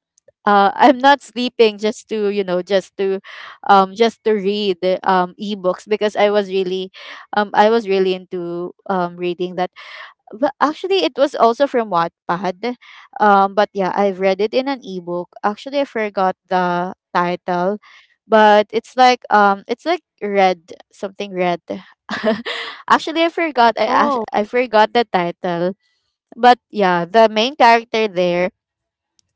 Speaker 1: I'm not sleeping just to, just to just to read the, ebooks because I was really into reading that. But actually, it was also from Wattpad. But yeah, I've read it in an ebook. Actually, I forgot the title, but it's like red, something red. Actually, I forgot,
Speaker 2: Oh,
Speaker 1: I forgot the title. But yeah, the main character there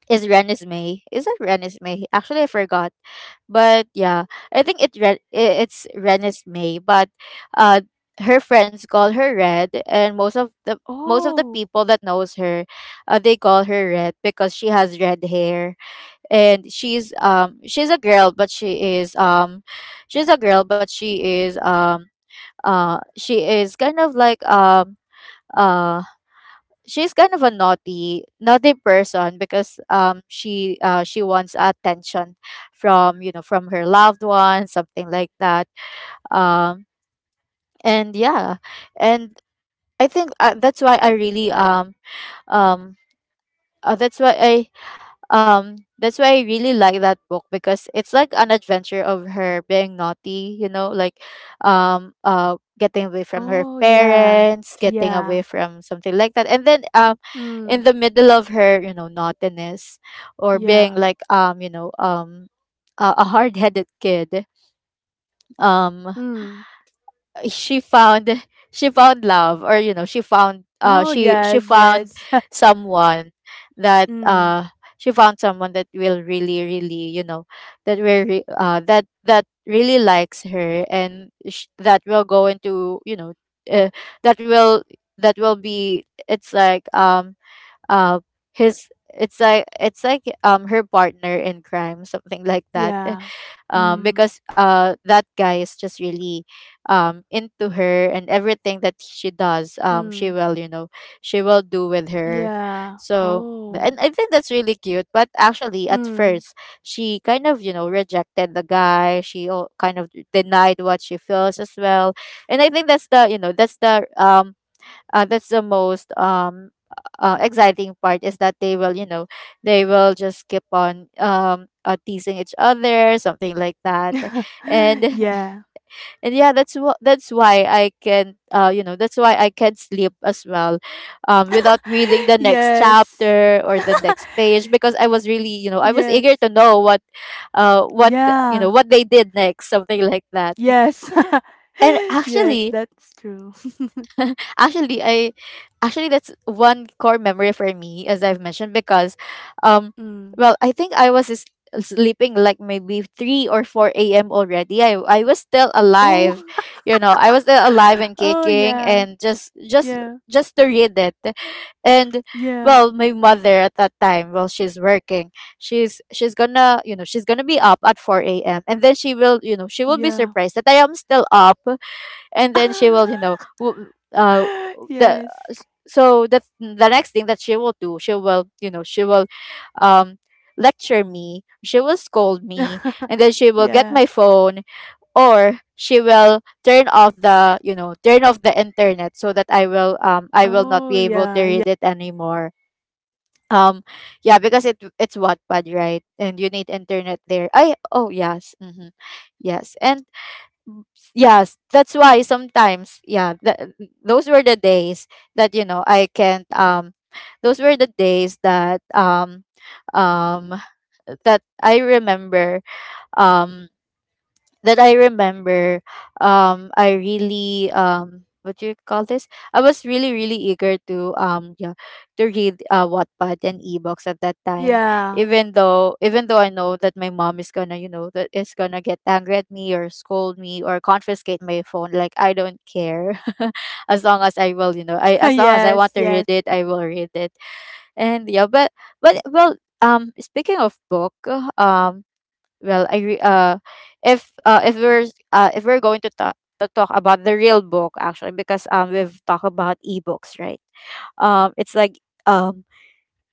Speaker 1: is Renesmee. Is that Renesmee? Actually, I forgot. But yeah, I think it's Renesmee. But uh, her friends call her Red, and most of the, most of the
Speaker 2: oh,
Speaker 1: people that knows her, they call her Red because she has red hair, and she's a girl, but she is she's a girl, but she is um she is kind of like, uh she's kind of a naughty, naughty person because she wants attention from, from her loved ones, something like that. um and yeah. And I think, that's why I really um uh, that's why i that's why I really like that book because it's like an adventure of her being naughty, you know, like getting away from her
Speaker 2: oh, yeah,
Speaker 1: parents, getting
Speaker 2: yeah,
Speaker 1: away from something like that. And then
Speaker 2: mm,
Speaker 1: in the middle of her, you know, naughtiness or being
Speaker 2: yeah,
Speaker 1: like, you know, a hard-headed kid.
Speaker 2: mm.
Speaker 1: um she found, she found love, or, you know,
Speaker 2: Oh,
Speaker 1: she
Speaker 2: yes,
Speaker 1: she found
Speaker 2: yes,
Speaker 1: someone that
Speaker 2: mm,
Speaker 1: she found someone that will really, really, you know, that will, that really likes her, and that will go into, you know, uh, that will that will be, it's like, uh, his it's like, her partner in crime, something like that.
Speaker 2: yeah, mm,
Speaker 1: Because that guy is just really into her, and everything that she does, she
Speaker 2: mm,
Speaker 1: will, you know, she will do with her.
Speaker 2: yeah,
Speaker 1: So
Speaker 2: oh,
Speaker 1: and I think that's really cute, but actually at
Speaker 2: mm,
Speaker 1: first she kind of, you know, rejected the guy. Kind of denied what she feels as well. And I think that's the, you know, that's the, that's the most exciting part, is that they will, you know, they will just keep on, teasing each other, something like that. And
Speaker 2: yeah.
Speaker 1: and yeah, that's what, that's why I can, you know, that's why I can sleep as well, without reading the next
Speaker 2: Yes.
Speaker 1: chapter or the next page, because I was really, you know, I was eager
Speaker 2: Yes.
Speaker 1: to know what, uh what you know,
Speaker 2: Yeah.
Speaker 1: what they did next, something like that.
Speaker 2: Yes.
Speaker 1: And
Speaker 2: Yes,
Speaker 1: actually
Speaker 2: that's true.
Speaker 1: actually i actually, that's one core memory for me, as I've mentioned, because um
Speaker 2: Mm.
Speaker 1: well, I think sleeping like maybe 3 or 4 a.m already, I was still alive,
Speaker 2: Oh.
Speaker 1: you know, I was still alive and
Speaker 2: Oh,
Speaker 1: kicking,
Speaker 2: yeah.
Speaker 1: and just
Speaker 2: Yeah.
Speaker 1: just to read it. And
Speaker 2: Yeah.
Speaker 1: well, my mother at that time, well, she's working. She's gonna, you know, she's gonna be up at 4 a.m, and then she will, you know, she will be
Speaker 2: Yeah.
Speaker 1: surprised that I am still up. And then she will, you know, the
Speaker 2: Yes.
Speaker 1: so the next thing that she will do, she will, you know, she will um lecture me, she will scold me, and then she will get
Speaker 2: Yeah.
Speaker 1: my phone, or she will turn off the, you know, turn off the internet, so that I will, I will not
Speaker 2: Oh,
Speaker 1: be able to
Speaker 2: yeah. Yeah.
Speaker 1: read it anymore. um yeah, because it's Wattpad, right? And you need internet there. I oh yes, mm-hmm. Yes, and yes, that's why sometimes, yeah, those were the days that, you know, I can't, those were the days that, um that I remember, um that I remember, I really, what do you call this? I was really, really eager to, yeah, to read, Wattpad and ebooks at that time.
Speaker 2: Yeah.
Speaker 1: Even though I know that my mom is gonna, you know, that is gonna get angry at me, or scold me, or confiscate my phone, like I don't care, as long as I will, you know, I as long as I want
Speaker 2: Yes.
Speaker 1: to read
Speaker 2: Yes.
Speaker 1: it, I will read it. And yeah, but well, speaking of book, um well, if if we're going to talk about the real book, actually, because we've talked about ebooks, right? It's like, um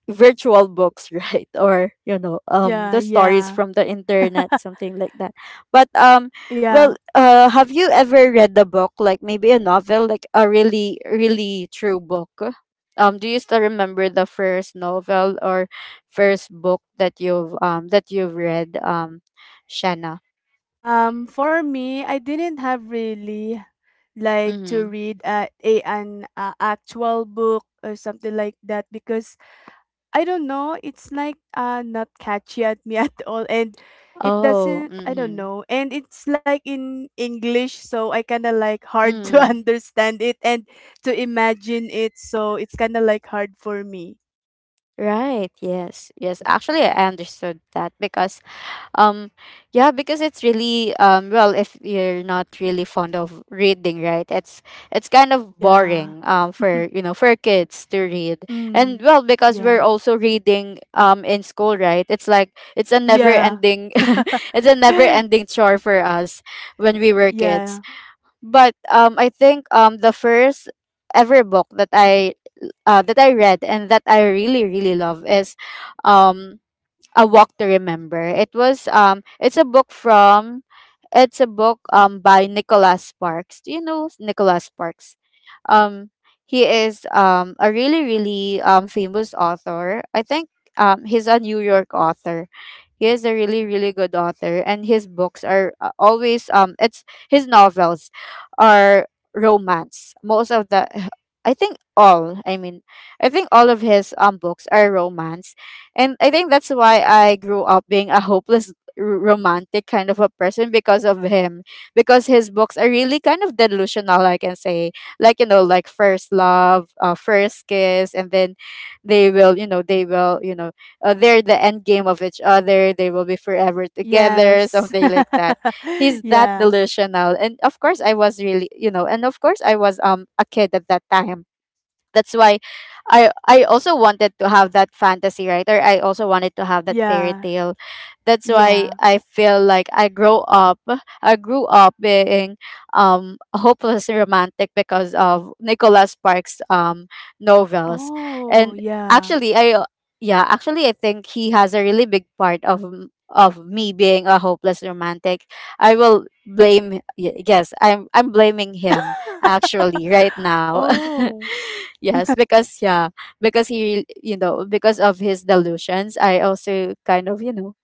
Speaker 1: virtual books, right? Or, you know,
Speaker 2: Yeah.
Speaker 1: the stories
Speaker 2: Yeah.
Speaker 1: from the internet, something like that. But
Speaker 2: Yeah.
Speaker 1: well, have you ever read the book, like maybe a novel, like a really, really true book? Do you still remember the first novel or first book that you've, that you've read, Shanna?
Speaker 2: For me, I didn't have really like to
Speaker 1: Mm-hmm.
Speaker 2: read a an actual book or something like that because I don't know, it's like not catchy at me at all, and it
Speaker 1: Oh,
Speaker 2: doesn't, I don't
Speaker 1: mm-hmm.
Speaker 2: know, and it's like in English, so I kind of like hard to
Speaker 1: Mm-hmm.
Speaker 2: understand it and to imagine it, so it's kind of like hard for me.
Speaker 1: Right, yes, yes, actually I understood that because, Um, yeah, because it's really well, if you're not really fond of reading, right? It's kind of
Speaker 2: Yeah.
Speaker 1: boring, for, you know, for kids to read. And
Speaker 2: Mm.
Speaker 1: well, because we're
Speaker 2: Yeah.
Speaker 1: also reading, in school, right? It's like it's a never
Speaker 2: Yeah.
Speaker 1: ending, it's a never ending chore for us when we were
Speaker 2: Yeah.
Speaker 1: kids. But I think the first ever book that I, that I read and that I really, really love is um a Walk to Remember. It was it's a book from, it's a book by Nicholas Sparks. Do you know Nicholas Sparks? Um he is a really, really famous author. I think he's a New York author. He is a really, really good author, and his books are, always, it's his novels are romance. Most of the, I think all, I mean, I think all of his books are romance. And I think that's why I grew up being a hopeless, romantic kind of a person because of him, because his books are really kind of delusional, I can say, like, you know, like first love, first kiss, and then they will, you know, they will, you know, they're the end game of each other, they will be forever together,
Speaker 2: Yes.
Speaker 1: something like that. He's that
Speaker 2: Yeah.
Speaker 1: delusional, and of course I was really, you know, and of course I was, a kid at that time. That's why I also wanted to have that fantasy, right? Or I also wanted to have that fairy
Speaker 2: Yeah.
Speaker 1: tale. That's why
Speaker 2: Yeah.
Speaker 1: I feel like I grow up, I grew up being a hopeless romantic because of Nicholas Sparks novels.
Speaker 2: Oh,
Speaker 1: And
Speaker 2: yeah.
Speaker 1: actually I yeah, actually I think he has a really big part of, of me being a hopeless romantic. I will blame, yes, I'm blaming him actually right now.
Speaker 2: Oh,
Speaker 1: Yes, because yeah, because he, you know, because of his delusions, I also kind of, you know,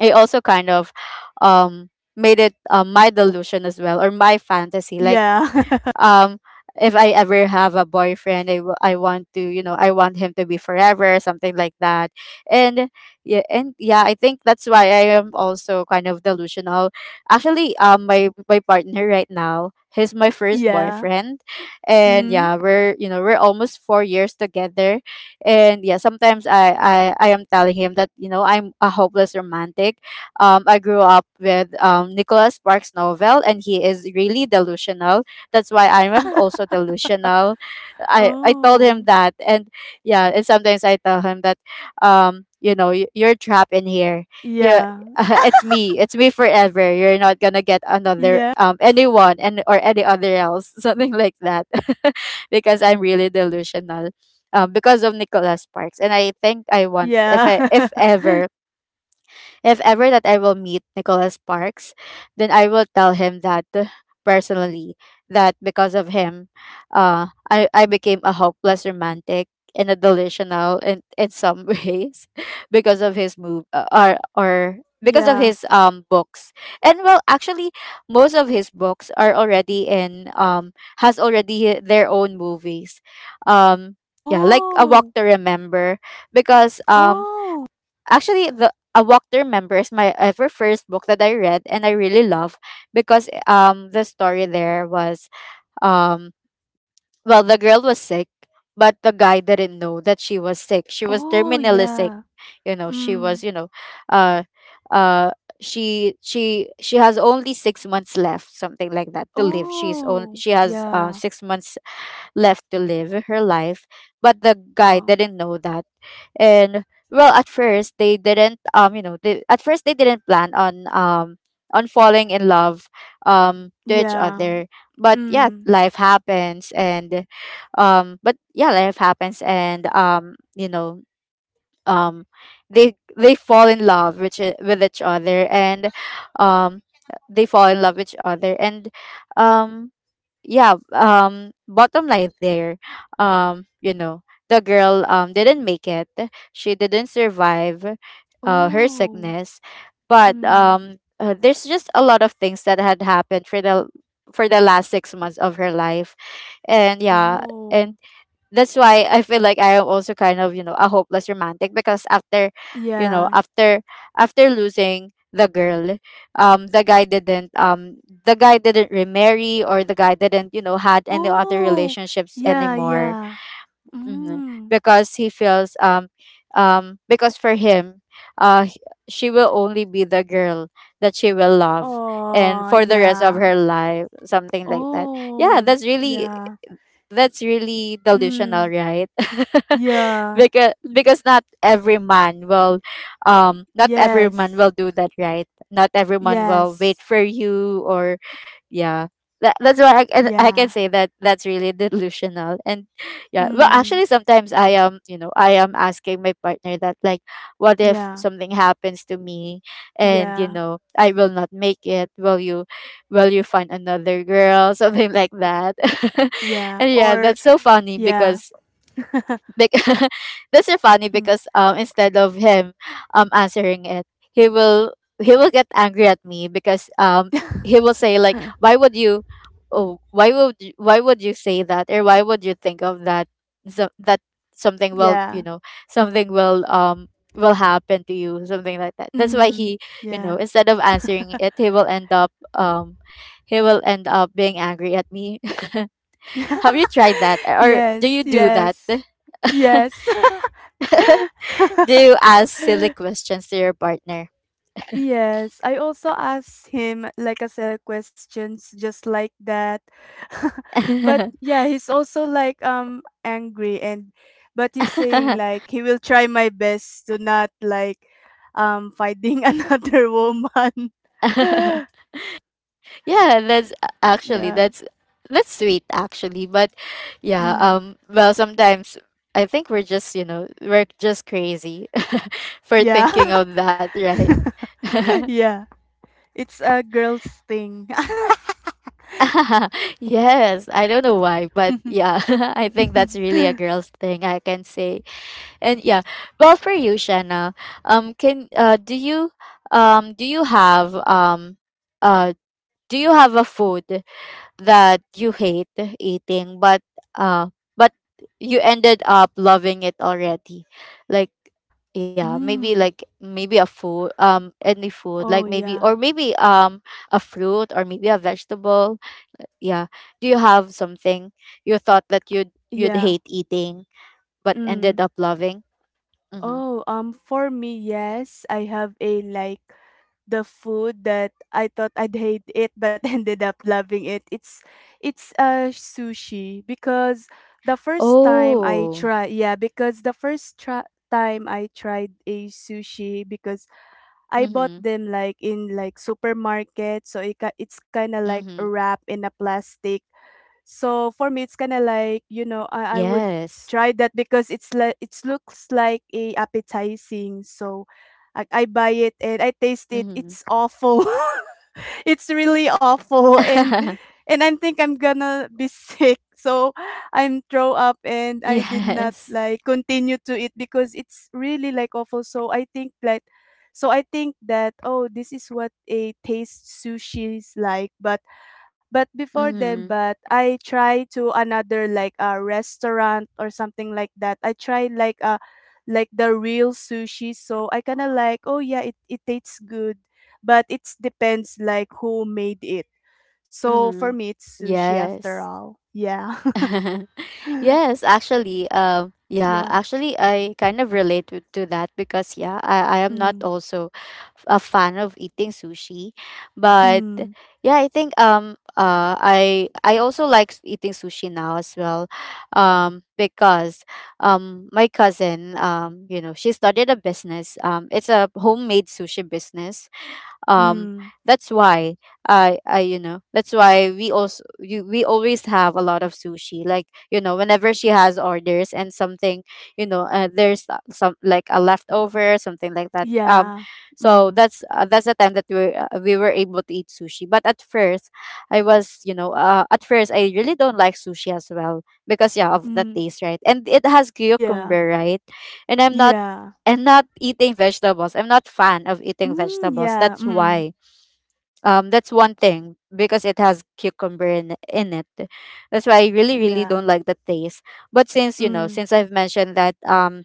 Speaker 1: I also kind of um made it, my delusion as well, or my fantasy. Like
Speaker 2: yeah.
Speaker 1: um if I ever have a boyfriend, I want to, you know, I want him to be forever, something like that. And yeah, and yeah, I think that's why I am also kind of delusional. Actually, my partner right now, he's my first
Speaker 2: Yeah.
Speaker 1: boyfriend, and
Speaker 2: Mm.
Speaker 1: yeah, we're, you know, we're almost 4 years together, and yeah, sometimes I am telling him that, you know, I'm a hopeless romantic. I grew up with, Nicholas Sparks novel, and he is really delusional, that's why I am also delusional. I told him
Speaker 2: Oh,
Speaker 1: that, and yeah, and sometimes I tell him that, you know, you're trapped in here. Yeah,
Speaker 2: yeah.
Speaker 1: it's me, it's me forever. You're not gonna get another,
Speaker 2: Yeah.
Speaker 1: anyone, and or any other else, something like that, because I'm really delusional. Because of Nicholas Sparks, and I think I want, if
Speaker 2: Yeah.
Speaker 1: I, if ever, if ever that I will meet Nicholas Sparks, then I will tell him that personally, that because of him, I became a hopeless romantic and a delusional in some ways because of his move or because of
Speaker 2: Yeah.
Speaker 1: his books. And well, actually, most of his books are already in, has already their own movies. Um yeah, like A Walk
Speaker 2: Oh.
Speaker 1: to Remember because
Speaker 2: Oh.
Speaker 1: actually, the A Walk to Remember is my ever first book that I read and I really love because the story there was um well, the girl was sick but the guy didn't know that she was sick. She was
Speaker 2: Oh,
Speaker 1: terminally sick.
Speaker 2: yeah.
Speaker 1: You know,
Speaker 2: Mm.
Speaker 1: uh uh she has only 6 months left, something like that, to live.
Speaker 2: Oh,
Speaker 1: She has
Speaker 2: yeah.
Speaker 1: 6 months left to live her life, but the guy
Speaker 2: Oh,
Speaker 1: didn't know that. And well, at first they didn't you know they at first they didn't plan on falling in love to each
Speaker 2: yeah.
Speaker 1: other. But yeah,
Speaker 2: Mm.
Speaker 1: life happens, and but yeah life happens and you know um they fall in love with each other and um they fall in love with each other. And um yeah, bottom line there, you know, the girl didn't make it. She didn't survive her
Speaker 2: Oh.
Speaker 1: sickness, but
Speaker 2: Mm.
Speaker 1: there's just a lot of things that had happened for the last 6 months of her life. And yeah, and
Speaker 2: Oh,
Speaker 1: that's why I feel like I am also kind of, you know, a hopeless romantic, because after, you know,
Speaker 2: yeah.
Speaker 1: after after losing the girl, um, the guy didn't um the guy didn't remarry, or the guy didn't, you know, had any other
Speaker 2: Oh,
Speaker 1: relationships
Speaker 2: yeah,
Speaker 1: anymore.
Speaker 2: yeah.
Speaker 1: Hmm.
Speaker 2: Mm.
Speaker 1: Because he feels because for him, uh h- she will only be the girl that she will love, and
Speaker 2: Oh
Speaker 1: for the rest of
Speaker 2: yeah.
Speaker 1: her life, something like that. Yeah,
Speaker 2: Oh, y yeah.
Speaker 1: that's really delusional,
Speaker 2: Mm.
Speaker 1: right?
Speaker 2: Yeah.
Speaker 1: Because
Speaker 2: Y
Speaker 1: not every man
Speaker 2: Yes.
Speaker 1: will do that, right? Not everyone will wait
Speaker 2: Yes.
Speaker 1: for you, or yeah, that's why I can
Speaker 2: Yeah.
Speaker 1: say that that's really delusional. And yeah, well
Speaker 2: Mm.
Speaker 1: actually, sometimes I am asking my partner that, like, what if
Speaker 2: Yeah.
Speaker 1: something happens to me, and you
Speaker 2: Yeah.
Speaker 1: know, I will not make it? Will you find another girl, something like that?
Speaker 2: Yeah.
Speaker 1: And yeah,
Speaker 2: Or
Speaker 1: that's so funny
Speaker 2: yeah.
Speaker 1: because Bec- that's so funny
Speaker 2: Hmm.
Speaker 1: because instead of him answering it, he will he will get angry at me, because he will say like, why would you, oh, why would you, say that? Or why would you think of that, so that something will, you
Speaker 2: Yeah.
Speaker 1: know, something will happen to you, something like that. That's why
Speaker 2: Mm.
Speaker 1: he, you
Speaker 2: Yeah.
Speaker 1: know, instead of answering it, he will end up he will end up being angry at me. Have you tried that, or do
Speaker 2: Yes,
Speaker 1: you do that?
Speaker 2: yes. Yes.
Speaker 1: Do ask silly questions to your partner.
Speaker 2: Yes, I also asked him like a set of questions just like that. But yeah, he's also like angry, and but he's saying like he will try my best to not like finding another woman.
Speaker 1: Yeah, that's actually,
Speaker 2: Yeah.
Speaker 1: that's sweet actually, but yeah,
Speaker 2: Mm.
Speaker 1: well, sometimes I think we're just, you know, we're just crazy for
Speaker 2: Yeah.
Speaker 1: thinking of that, right?
Speaker 2: Yeah. It's a girl's thing.
Speaker 1: Yes, I don't know why, but yeah, I think that's really a girl's thing, I can say. And yeah, well, for you, Shanna, can um do you have um uh do you have a food that you hate eating but uh but you ended up loving it already, like, yeah, maybe,
Speaker 2: Mm.
Speaker 1: a food, any food, like
Speaker 2: Oh
Speaker 1: maybe, or
Speaker 2: yeah.
Speaker 1: maybe a fruit, or maybe a vegetable. Yeah, do you have something you thought that you'd
Speaker 2: Yeah.
Speaker 1: hate eating but
Speaker 2: Mm.
Speaker 1: ended up loving? Mm-hmm.
Speaker 2: Oh, for me, yes, I have a like the food that I thought I'd hate it but ended up loving it. It's sushi because the first time I
Speaker 1: Oh.
Speaker 2: try, yeah, because the first try time I tried a sushi because I bought
Speaker 1: Mhm,
Speaker 2: them like in like supermarket, so it, ki- it's kind of like
Speaker 1: mhm.
Speaker 2: wrapped in a plastic. So for me, it's kind of like you know
Speaker 1: Yes.
Speaker 2: I would try that because it's like it looks like a appetizing. So I buy it and I
Speaker 1: Mhm.
Speaker 2: taste it. It's awful. It's really awful. and and I think I'm gonna be sick. So I'm throw up, and I did not
Speaker 1: Yes.
Speaker 2: like continue to eat because it's really like awful. So I think like, so I think that oh this is what a taste sushi is like. But before then,
Speaker 1: Mhm,
Speaker 2: but I try to another like a restaurant or something like that. I tried like a like the real sushi, so I kind of like, oh yeah, it tastes good, but it depends like who made it. So for
Speaker 1: mhm.
Speaker 2: me, it's sushi after
Speaker 1: Yes.
Speaker 2: all. Yeah.
Speaker 1: Yes, actually, yeah,
Speaker 2: Yeah.
Speaker 1: actually, I kind of relate to that, because yeah, I am not
Speaker 2: Mm.
Speaker 1: also a fan of eating sushi, but
Speaker 2: Mm.
Speaker 1: yeah, I think I also like eating sushi now as well, because my cousin, you know, she started a business, it's a homemade sushi business, um
Speaker 2: Mm.
Speaker 1: that's why I you know that's why we also we always have a lot of sushi, like, you know, whenever she has orders and something, you know, there's some, like, a leftover, something like that.
Speaker 2: Yeah.
Speaker 1: So
Speaker 2: Mm.
Speaker 1: that's the time that we were able to eat sushi. But at first, I was, you know, at first, I really don't like sushi as well, because yeah, of the
Speaker 2: Mm.
Speaker 1: taste, right? And it has
Speaker 2: Yeah.
Speaker 1: cucumber, right? And I'm not,
Speaker 2: Yeah.
Speaker 1: I'm not eating vegetables. I'm not fan of eating
Speaker 2: Mm.
Speaker 1: vegetables.
Speaker 2: Yeah.
Speaker 1: That's
Speaker 2: Mm.
Speaker 1: why, that's one thing, because it has cucumber in it. That's why I really, really
Speaker 2: Yeah.
Speaker 1: don't like the taste. But since, you know,
Speaker 2: Mm.
Speaker 1: since I've mentioned that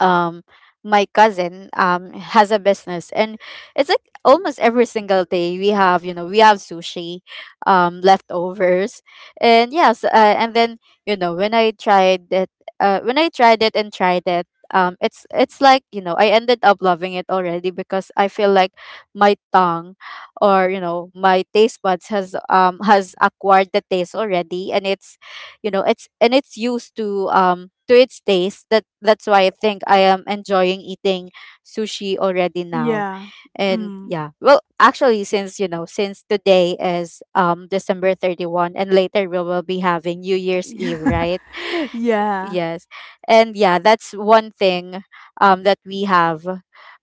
Speaker 1: um my cousin has a business, and it's like almost every single day we have, you know, we have sushi leftovers. And yes, and then, you know, when I tried it, when I tried it and tried it, it's like, you know, I ended up loving it already, because I feel like my tongue, or, you know, my taste buds has acquired the taste already, and it's, you know, it's, and it's used to its taste, that that's why I think I am enjoying eating sushi already now.
Speaker 2: Yeah.
Speaker 1: And
Speaker 2: Mm.
Speaker 1: yeah, well actually, since you know, since today is december 31, and later we will be having new year's eve,
Speaker 2: Yeah.
Speaker 1: right?
Speaker 2: Yeah.
Speaker 1: Yes. And yeah, that's one thing that we have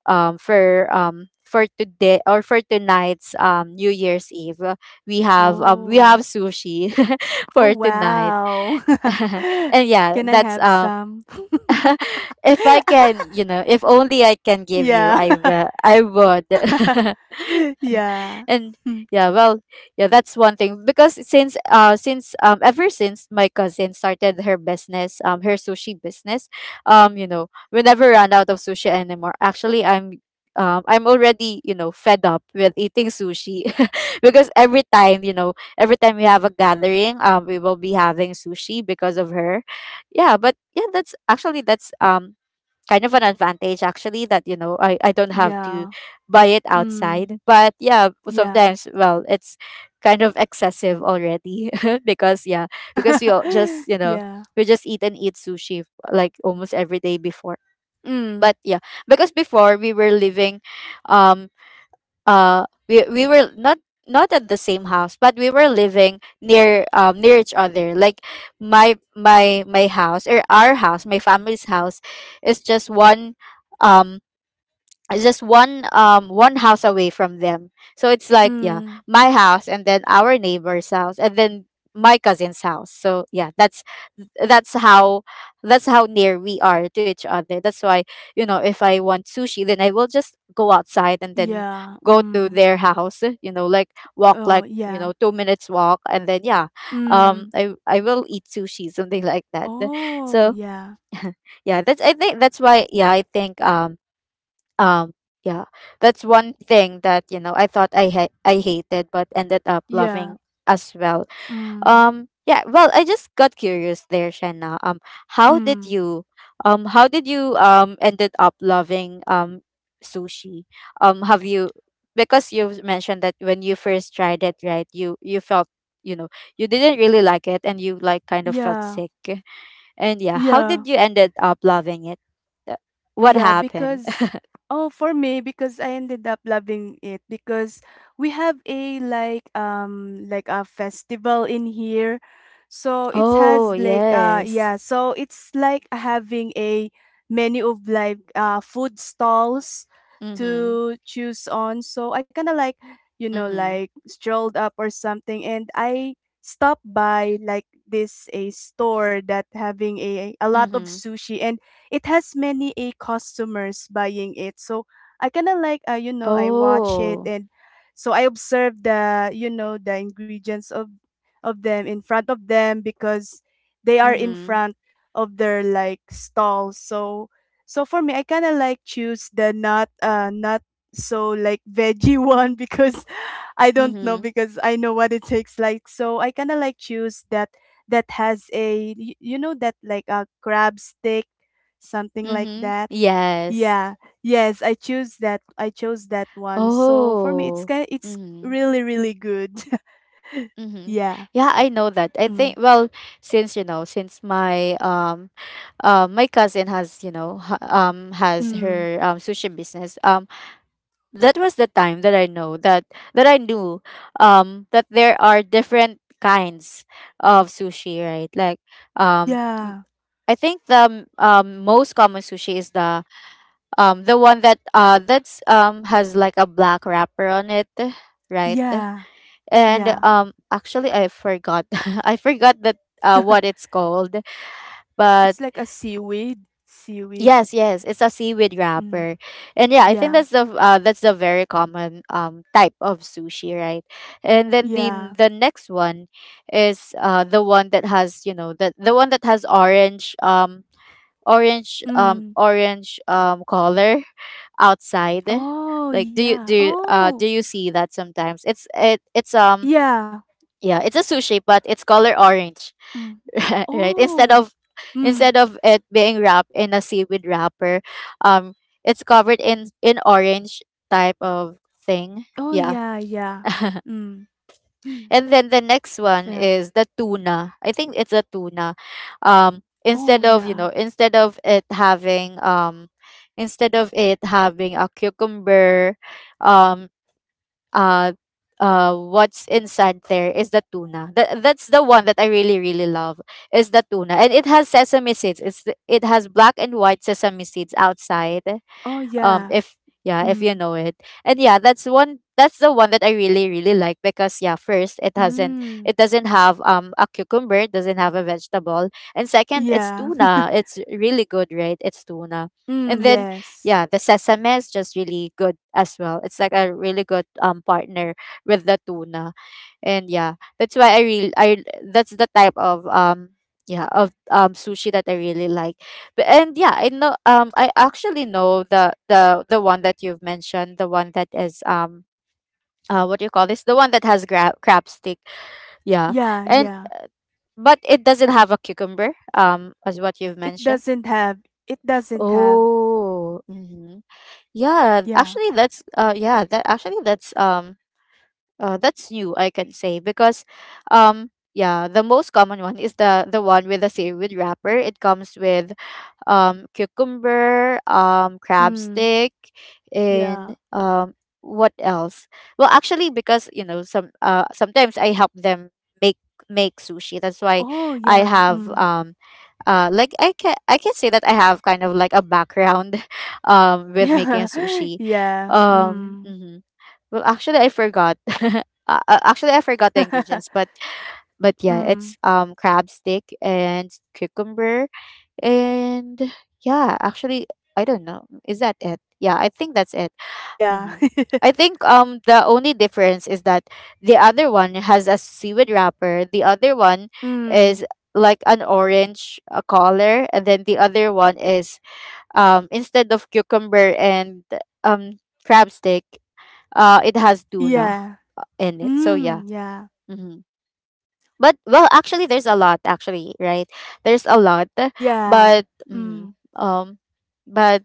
Speaker 1: for today, or for tonight's new year's eve. We have
Speaker 2: Oh.
Speaker 1: sushi
Speaker 2: Oh,
Speaker 1: for tonight.
Speaker 2: wow.
Speaker 1: And yeah,
Speaker 2: Can I
Speaker 1: that's
Speaker 2: have some?
Speaker 1: if I can, you know, if only I can give you,
Speaker 2: Yeah.
Speaker 1: I would.
Speaker 2: Yeah.
Speaker 1: And
Speaker 2: Hmm.
Speaker 1: yeah, well, yeah, that's one thing, because since ever since my cousin started her sushi business, you know, we never run out of sushi anymore. Actually, I'm already, you know, fed up with eating sushi because every time, you know, every time we have a gathering, we will be having sushi because of her. Yeah, but yeah, that's actually, that's kind of an advantage actually, that you know, I don't have to
Speaker 2: Yeah.
Speaker 1: buy it
Speaker 2: Mm.
Speaker 1: outside. But yeah,
Speaker 2: Yeah.
Speaker 1: sometimes, well, it's kind of excessive already because yeah, because we all just, you know,
Speaker 2: Yeah.
Speaker 1: we just eat and eat sushi like almost every day before.
Speaker 2: Mm.
Speaker 1: But yeah, because before we were living, um we were not, not at the same house, but we were living near near each other, like, my house, or our house, my family's house is just one, um it's just one, one house away from them. So it's like, yeah,
Speaker 2: Mm.
Speaker 1: my house, and then our neighbor's house, and then my cousin's house. So yeah, that's how that's how near we are to each other. That's why, you know, if I want sushi, then I will just go outside, and then
Speaker 2: Yeah.
Speaker 1: go to
Speaker 2: Mm.
Speaker 1: their house, you know, like walk,
Speaker 2: Oh,
Speaker 1: like, you
Speaker 2: yeah.
Speaker 1: know, 2 minutes walk, and then yeah,
Speaker 2: Mm.
Speaker 1: I will eat sushi, something like that.
Speaker 2: Oh,
Speaker 1: So
Speaker 2: yeah.
Speaker 1: yeah, that's why. Yeah, I think um yeah, that's one thing that, you know, i thought i hated but ended up
Speaker 2: Yeah.
Speaker 1: loving as well.
Speaker 2: Mm.
Speaker 1: Yeah, well, I just got curious there, shanna. How did
Speaker 2: Mm.
Speaker 1: you how did you ended up loving sushi? Have you Because you've mentioned that when you first tried it, right, you felt, you know, you didn't really like it, and you like kind of felt
Speaker 2: Yeah.
Speaker 1: sick. And yeah, how
Speaker 2: Yeah.
Speaker 1: did you ended up loving it? Uh, what
Speaker 2: Yeah,
Speaker 1: happened?
Speaker 2: because oh, for me, because I ended up loving it because we have a like a festival in here. So it
Speaker 1: Oh,
Speaker 2: has like
Speaker 1: yes.
Speaker 2: yeah, so it's like having a menu of like food stalls
Speaker 1: Mhm.
Speaker 2: to choose on. So I kind of like, you know,
Speaker 1: Mhm.
Speaker 2: like strolled up or something, and I stopped by like this a store that having a lot of
Speaker 1: Mhm.
Speaker 2: sushi, and it has many a customers buying it. So I kind of like you know, I watch it,
Speaker 1: Oh.
Speaker 2: and so I observe the you know the ingredients of them in front of them because they are in
Speaker 1: Mhm.
Speaker 2: front of their like stall. So so for me I kind of like choose the not so like veggie one because I don't know
Speaker 1: Mhm.
Speaker 2: because I know what it takes like, so I kind of like choose that that has a you know that like a crab stick something like
Speaker 1: Mhm.
Speaker 2: that.
Speaker 1: Yes.
Speaker 2: Yeah. Yes, I choose that. I chose that one. So for me, it's
Speaker 1: Oh.
Speaker 2: kind. It's
Speaker 1: Mhm.
Speaker 2: really, really good.
Speaker 1: Mhm.
Speaker 2: Yeah.
Speaker 1: Yeah, I know that. I
Speaker 2: Mm.
Speaker 1: think, well, since you know, since my my cousin has, you know, has
Speaker 2: Mm.
Speaker 1: her sushi business. That was the time that I know that that I knew that there are different kinds of sushi, right? Like um.
Speaker 2: Yeah.
Speaker 1: I think the most common sushi is the one that that's has like a black wrapper on it, right?
Speaker 2: Yeah.
Speaker 1: And
Speaker 2: Yeah.
Speaker 1: actually I forgot I forgot that what it's called, but
Speaker 2: It's like a seaweed. Seaweed.
Speaker 1: yes, yes, it's a seaweed
Speaker 2: Mm.
Speaker 1: wrapper. And yeah, I think
Speaker 2: Yeah.
Speaker 1: that's the very common type of sushi, right? And then
Speaker 2: Yeah.
Speaker 1: the next one is the one that has, you know, the one that has orange
Speaker 2: Mm.
Speaker 1: orange color outside.
Speaker 2: Oh
Speaker 1: Like,
Speaker 2: yeah. Oh
Speaker 1: do you see that? Sometimes it's, it's
Speaker 2: yeah.
Speaker 1: yeah, it's a sushi, but it's color orange
Speaker 2: Mm.
Speaker 1: right, instead
Speaker 2: Oh.
Speaker 1: of,
Speaker 2: Mm.
Speaker 1: instead of it being wrapped in a seaweed wrapper, um it's covered in orange type of thing.
Speaker 2: Oh
Speaker 1: Yeah.
Speaker 2: yeah. Yeah. Mm.
Speaker 1: And then the next one
Speaker 2: Yeah.
Speaker 1: is the tuna. I think it's a tuna.
Speaker 2: Oh yeah.
Speaker 1: Instead of it having instead of it having a cucumber, um, uh, what's inside there is the tuna. That's the one that I really really love is the tuna, and it has sesame seeds. It has black and white sesame seeds outside,
Speaker 2: Oh yeah.
Speaker 1: if yeah, if you
Speaker 2: Mm.
Speaker 1: know it. And yeah, that's the one that I really really like because yeah, first
Speaker 2: Mm,
Speaker 1: it doesn't have a cucumber, it doesn't have a vegetable. And second, it's
Speaker 2: yeah.
Speaker 1: tuna. It's really good, right? It's tuna.
Speaker 2: Mm,
Speaker 1: And then,
Speaker 2: yes.
Speaker 1: yeah, the sesame is just really good as well. It's like a really good partner with the tuna. And yeah, that's why I really I that's the type of yeah of sushi that I really like. And yeah, I actually know the one that you've mentioned, the one that is what do you call this, the one that has crab stick. Yeah.
Speaker 2: Yeah,
Speaker 1: And
Speaker 2: yeah.
Speaker 1: but it doesn't have a cucumber, as what you've
Speaker 2: It
Speaker 1: mentioned.
Speaker 2: doesn't have it doesn't have
Speaker 1: Oh, mm-hmm. Yeah,
Speaker 2: yeah.
Speaker 1: actually, that's yeah that actually that's new, I can say, because yeah, the most common one is the one with a seaweed wrapper. It comes with cucumber, crab
Speaker 2: Mm,
Speaker 1: stick,
Speaker 2: yeah.
Speaker 1: and what else? Well, actually, because sometimes I help them make make sushi. That's why
Speaker 2: Oh
Speaker 1: I
Speaker 2: yeah.
Speaker 1: have
Speaker 2: Mm.
Speaker 1: like, I can say that I have kind of like a background with making
Speaker 2: Yeah.
Speaker 1: sushi.
Speaker 2: Yeah. Mm.
Speaker 1: Mhm. Well, actually, I forgot. Actually, I forgot the ingredients, but yeah,
Speaker 2: Mm.
Speaker 1: it's crab stick and cucumber. And yeah, actually, I don't know. Is that it? Yeah, I think that's it.
Speaker 2: Yeah.
Speaker 1: hmm I think the only difference is that the other one has a seaweed wrapper. The other one
Speaker 2: Mm.
Speaker 1: is like an orange color, and then the other one is instead of cucumber and um crab stick, it has tuna
Speaker 2: Yeah.
Speaker 1: in it. So yeah.
Speaker 2: Mm, yeah.
Speaker 1: hmm but well, actually, there's a lot. Actually, right? There's a lot,
Speaker 2: Yeah.
Speaker 1: but
Speaker 2: Mm.
Speaker 1: um, but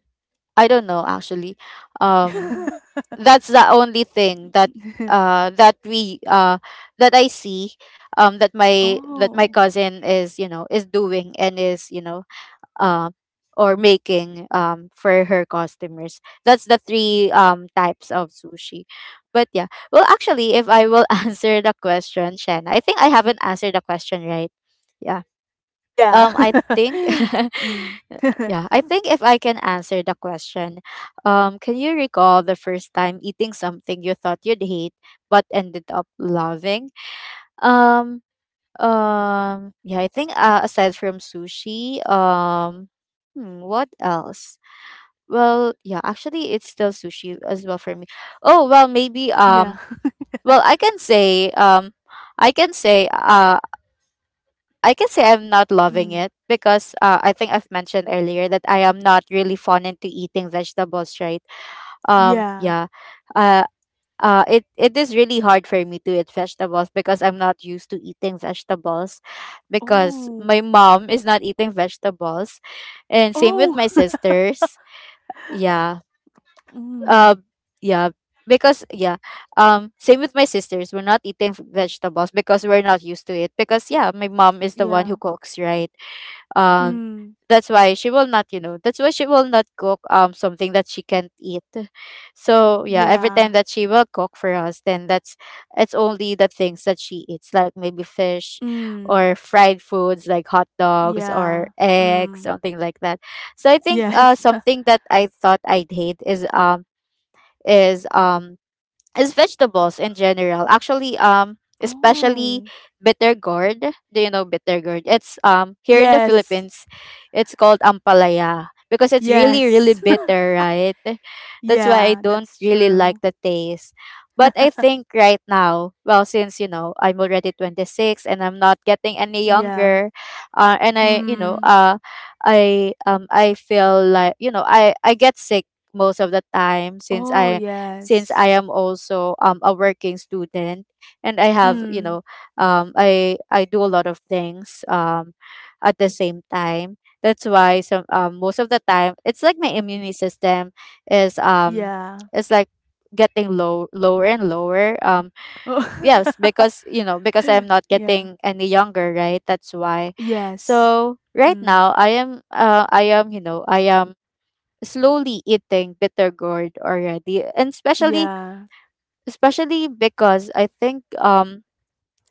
Speaker 1: I don't know. Actually, um, that's the only thing that that we that I see, that my
Speaker 2: Oh.
Speaker 1: cousin is doing and is, uh, or making, for her customers. That's the three types of sushi. But yeah, well, actually, if I will answer the question, Shen, I think I haven't answered the question right. Yeah.
Speaker 2: Yeah.
Speaker 1: Um, I think,
Speaker 2: Mm.
Speaker 1: yeah, I think if I can answer the question, can you recall the first time eating something you thought you'd hate but ended up loving? Um, yeah, I think, aside from sushi, what else? Well, yeah, actually, it's still sushi as well for me. Oh, well, maybe,
Speaker 2: Yeah.
Speaker 1: well, I can say uh I can say I'm not loving
Speaker 2: Mm.
Speaker 1: it because, I think I've mentioned earlier that I am not really fond into eating vegetables, right?
Speaker 2: Yeah.
Speaker 1: Yeah. Uh it is really hard for me to eat vegetables because I'm not used to eating vegetables, because my
Speaker 2: Oh.
Speaker 1: mom is not eating vegetables, and same with my
Speaker 2: Oh.
Speaker 1: sisters. Yeah. Uh,
Speaker 2: Mm,
Speaker 1: yeah, because yeah, same with my sisters. We're not eating vegetables because we're not used to it. Because yeah, my mom is the one
Speaker 2: yeah.
Speaker 1: who cooks, right? Um,
Speaker 2: Mm,
Speaker 1: that's why she will not cook something that she can't eat. So yeah, every
Speaker 2: yeah.
Speaker 1: time that she will cook for us, then that's it's only the things that she eats, like maybe fish
Speaker 2: Mm,
Speaker 1: or fried foods like hot dogs or
Speaker 2: yeah.
Speaker 1: eggs,
Speaker 2: Mm,
Speaker 1: something like that. So I think,
Speaker 2: yes.
Speaker 1: something that I thought I'd hate is um is vegetables in general. Actually, especially
Speaker 2: Oh,
Speaker 1: bitter gourd. Do you know bitter gourd? It's here in the
Speaker 2: yes.
Speaker 1: Philippines, it's called ampalaya because it's really really
Speaker 2: Yes.
Speaker 1: bitter, right? That's why I
Speaker 2: Yeah,
Speaker 1: don't
Speaker 2: that's
Speaker 1: really like
Speaker 2: true.
Speaker 1: the taste. But I think right now, well, since I'm already 26 and I'm not getting any
Speaker 2: Yeah.
Speaker 1: younger, and I, you know,
Speaker 2: Mm,
Speaker 1: uh, I um I feel like, I get sick most of the time since
Speaker 2: oh,
Speaker 1: I
Speaker 2: yes.
Speaker 1: am also a working student, and I have you know
Speaker 2: Mm,
Speaker 1: I do a lot of things at the same time. That's why some most of the time it's like my immune system is um
Speaker 2: yeah.
Speaker 1: is like getting lower and lower. Yes,
Speaker 2: Oh.
Speaker 1: because you know because I'm not
Speaker 2: Yeah.
Speaker 1: getting any younger, right? That's why.
Speaker 2: Yes.
Speaker 1: So right
Speaker 2: Mm,
Speaker 1: now I am you know I am slowly eating bitter gourd already, and
Speaker 2: yeah.
Speaker 1: especially because I think,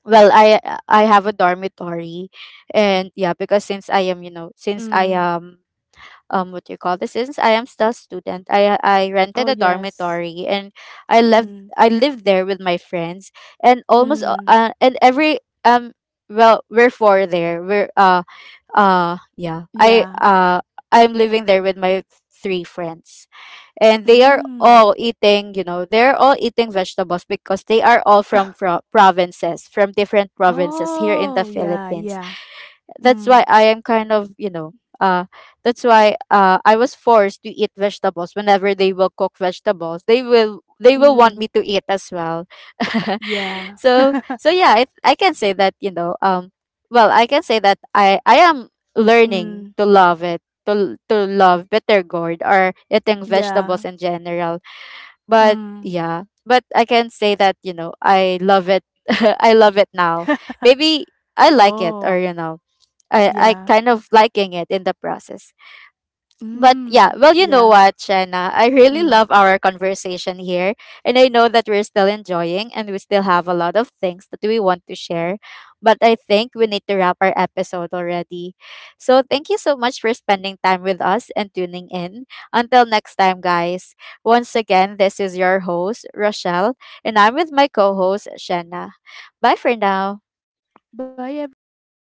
Speaker 1: well, I have a dormitory. And yeah, because since I
Speaker 2: Mm,
Speaker 1: am what do you call this, since I am still student, I rented
Speaker 2: oh,
Speaker 1: a
Speaker 2: yes.
Speaker 1: dormitory. And i left
Speaker 2: Mm,
Speaker 1: I lived there with my friends. And almost a-
Speaker 2: mm,
Speaker 1: and every um well, we're four there. We're yeah I
Speaker 2: yeah.
Speaker 1: I'm living there with my three friends. And
Speaker 2: Mm.
Speaker 1: they're all eating vegetables because they are all from different provinces here in
Speaker 2: Oh,
Speaker 1: the
Speaker 2: yeah,
Speaker 1: Philippines.
Speaker 2: yeah.
Speaker 1: That's why
Speaker 2: Mm,
Speaker 1: I am kind of, you know, uh that's why I was forced to eat vegetables whenever they will cook vegetables. They will want
Speaker 2: mm,
Speaker 1: me to eat as well.
Speaker 2: yeah.
Speaker 1: So yeah, I can say that, well, I can say that I am learning
Speaker 2: Mm,
Speaker 1: to love it. To, to love bitter gourd or eating vegetables
Speaker 2: yeah.
Speaker 1: in general. But
Speaker 2: Mm.
Speaker 1: yeah, but I can say that, I love it. I love it now. Maybe I like it, or,
Speaker 2: Oh,
Speaker 1: I
Speaker 2: yeah.
Speaker 1: kind of liking it in the process. But yeah,
Speaker 2: Mm,
Speaker 1: well, you know
Speaker 2: yeah.
Speaker 1: what, Shanna? I really love
Speaker 2: Mm.
Speaker 1: our conversation here. And I know that we're still enjoying and we still have a lot of things that we want to share. But I think we need to wrap our episode already. So thank you so much for spending time with us and tuning in. Until next time, guys. Once again, this is your host, Rochelle, and I'm with my co host, Shanna. Bye for now.
Speaker 2: Bye, everyone.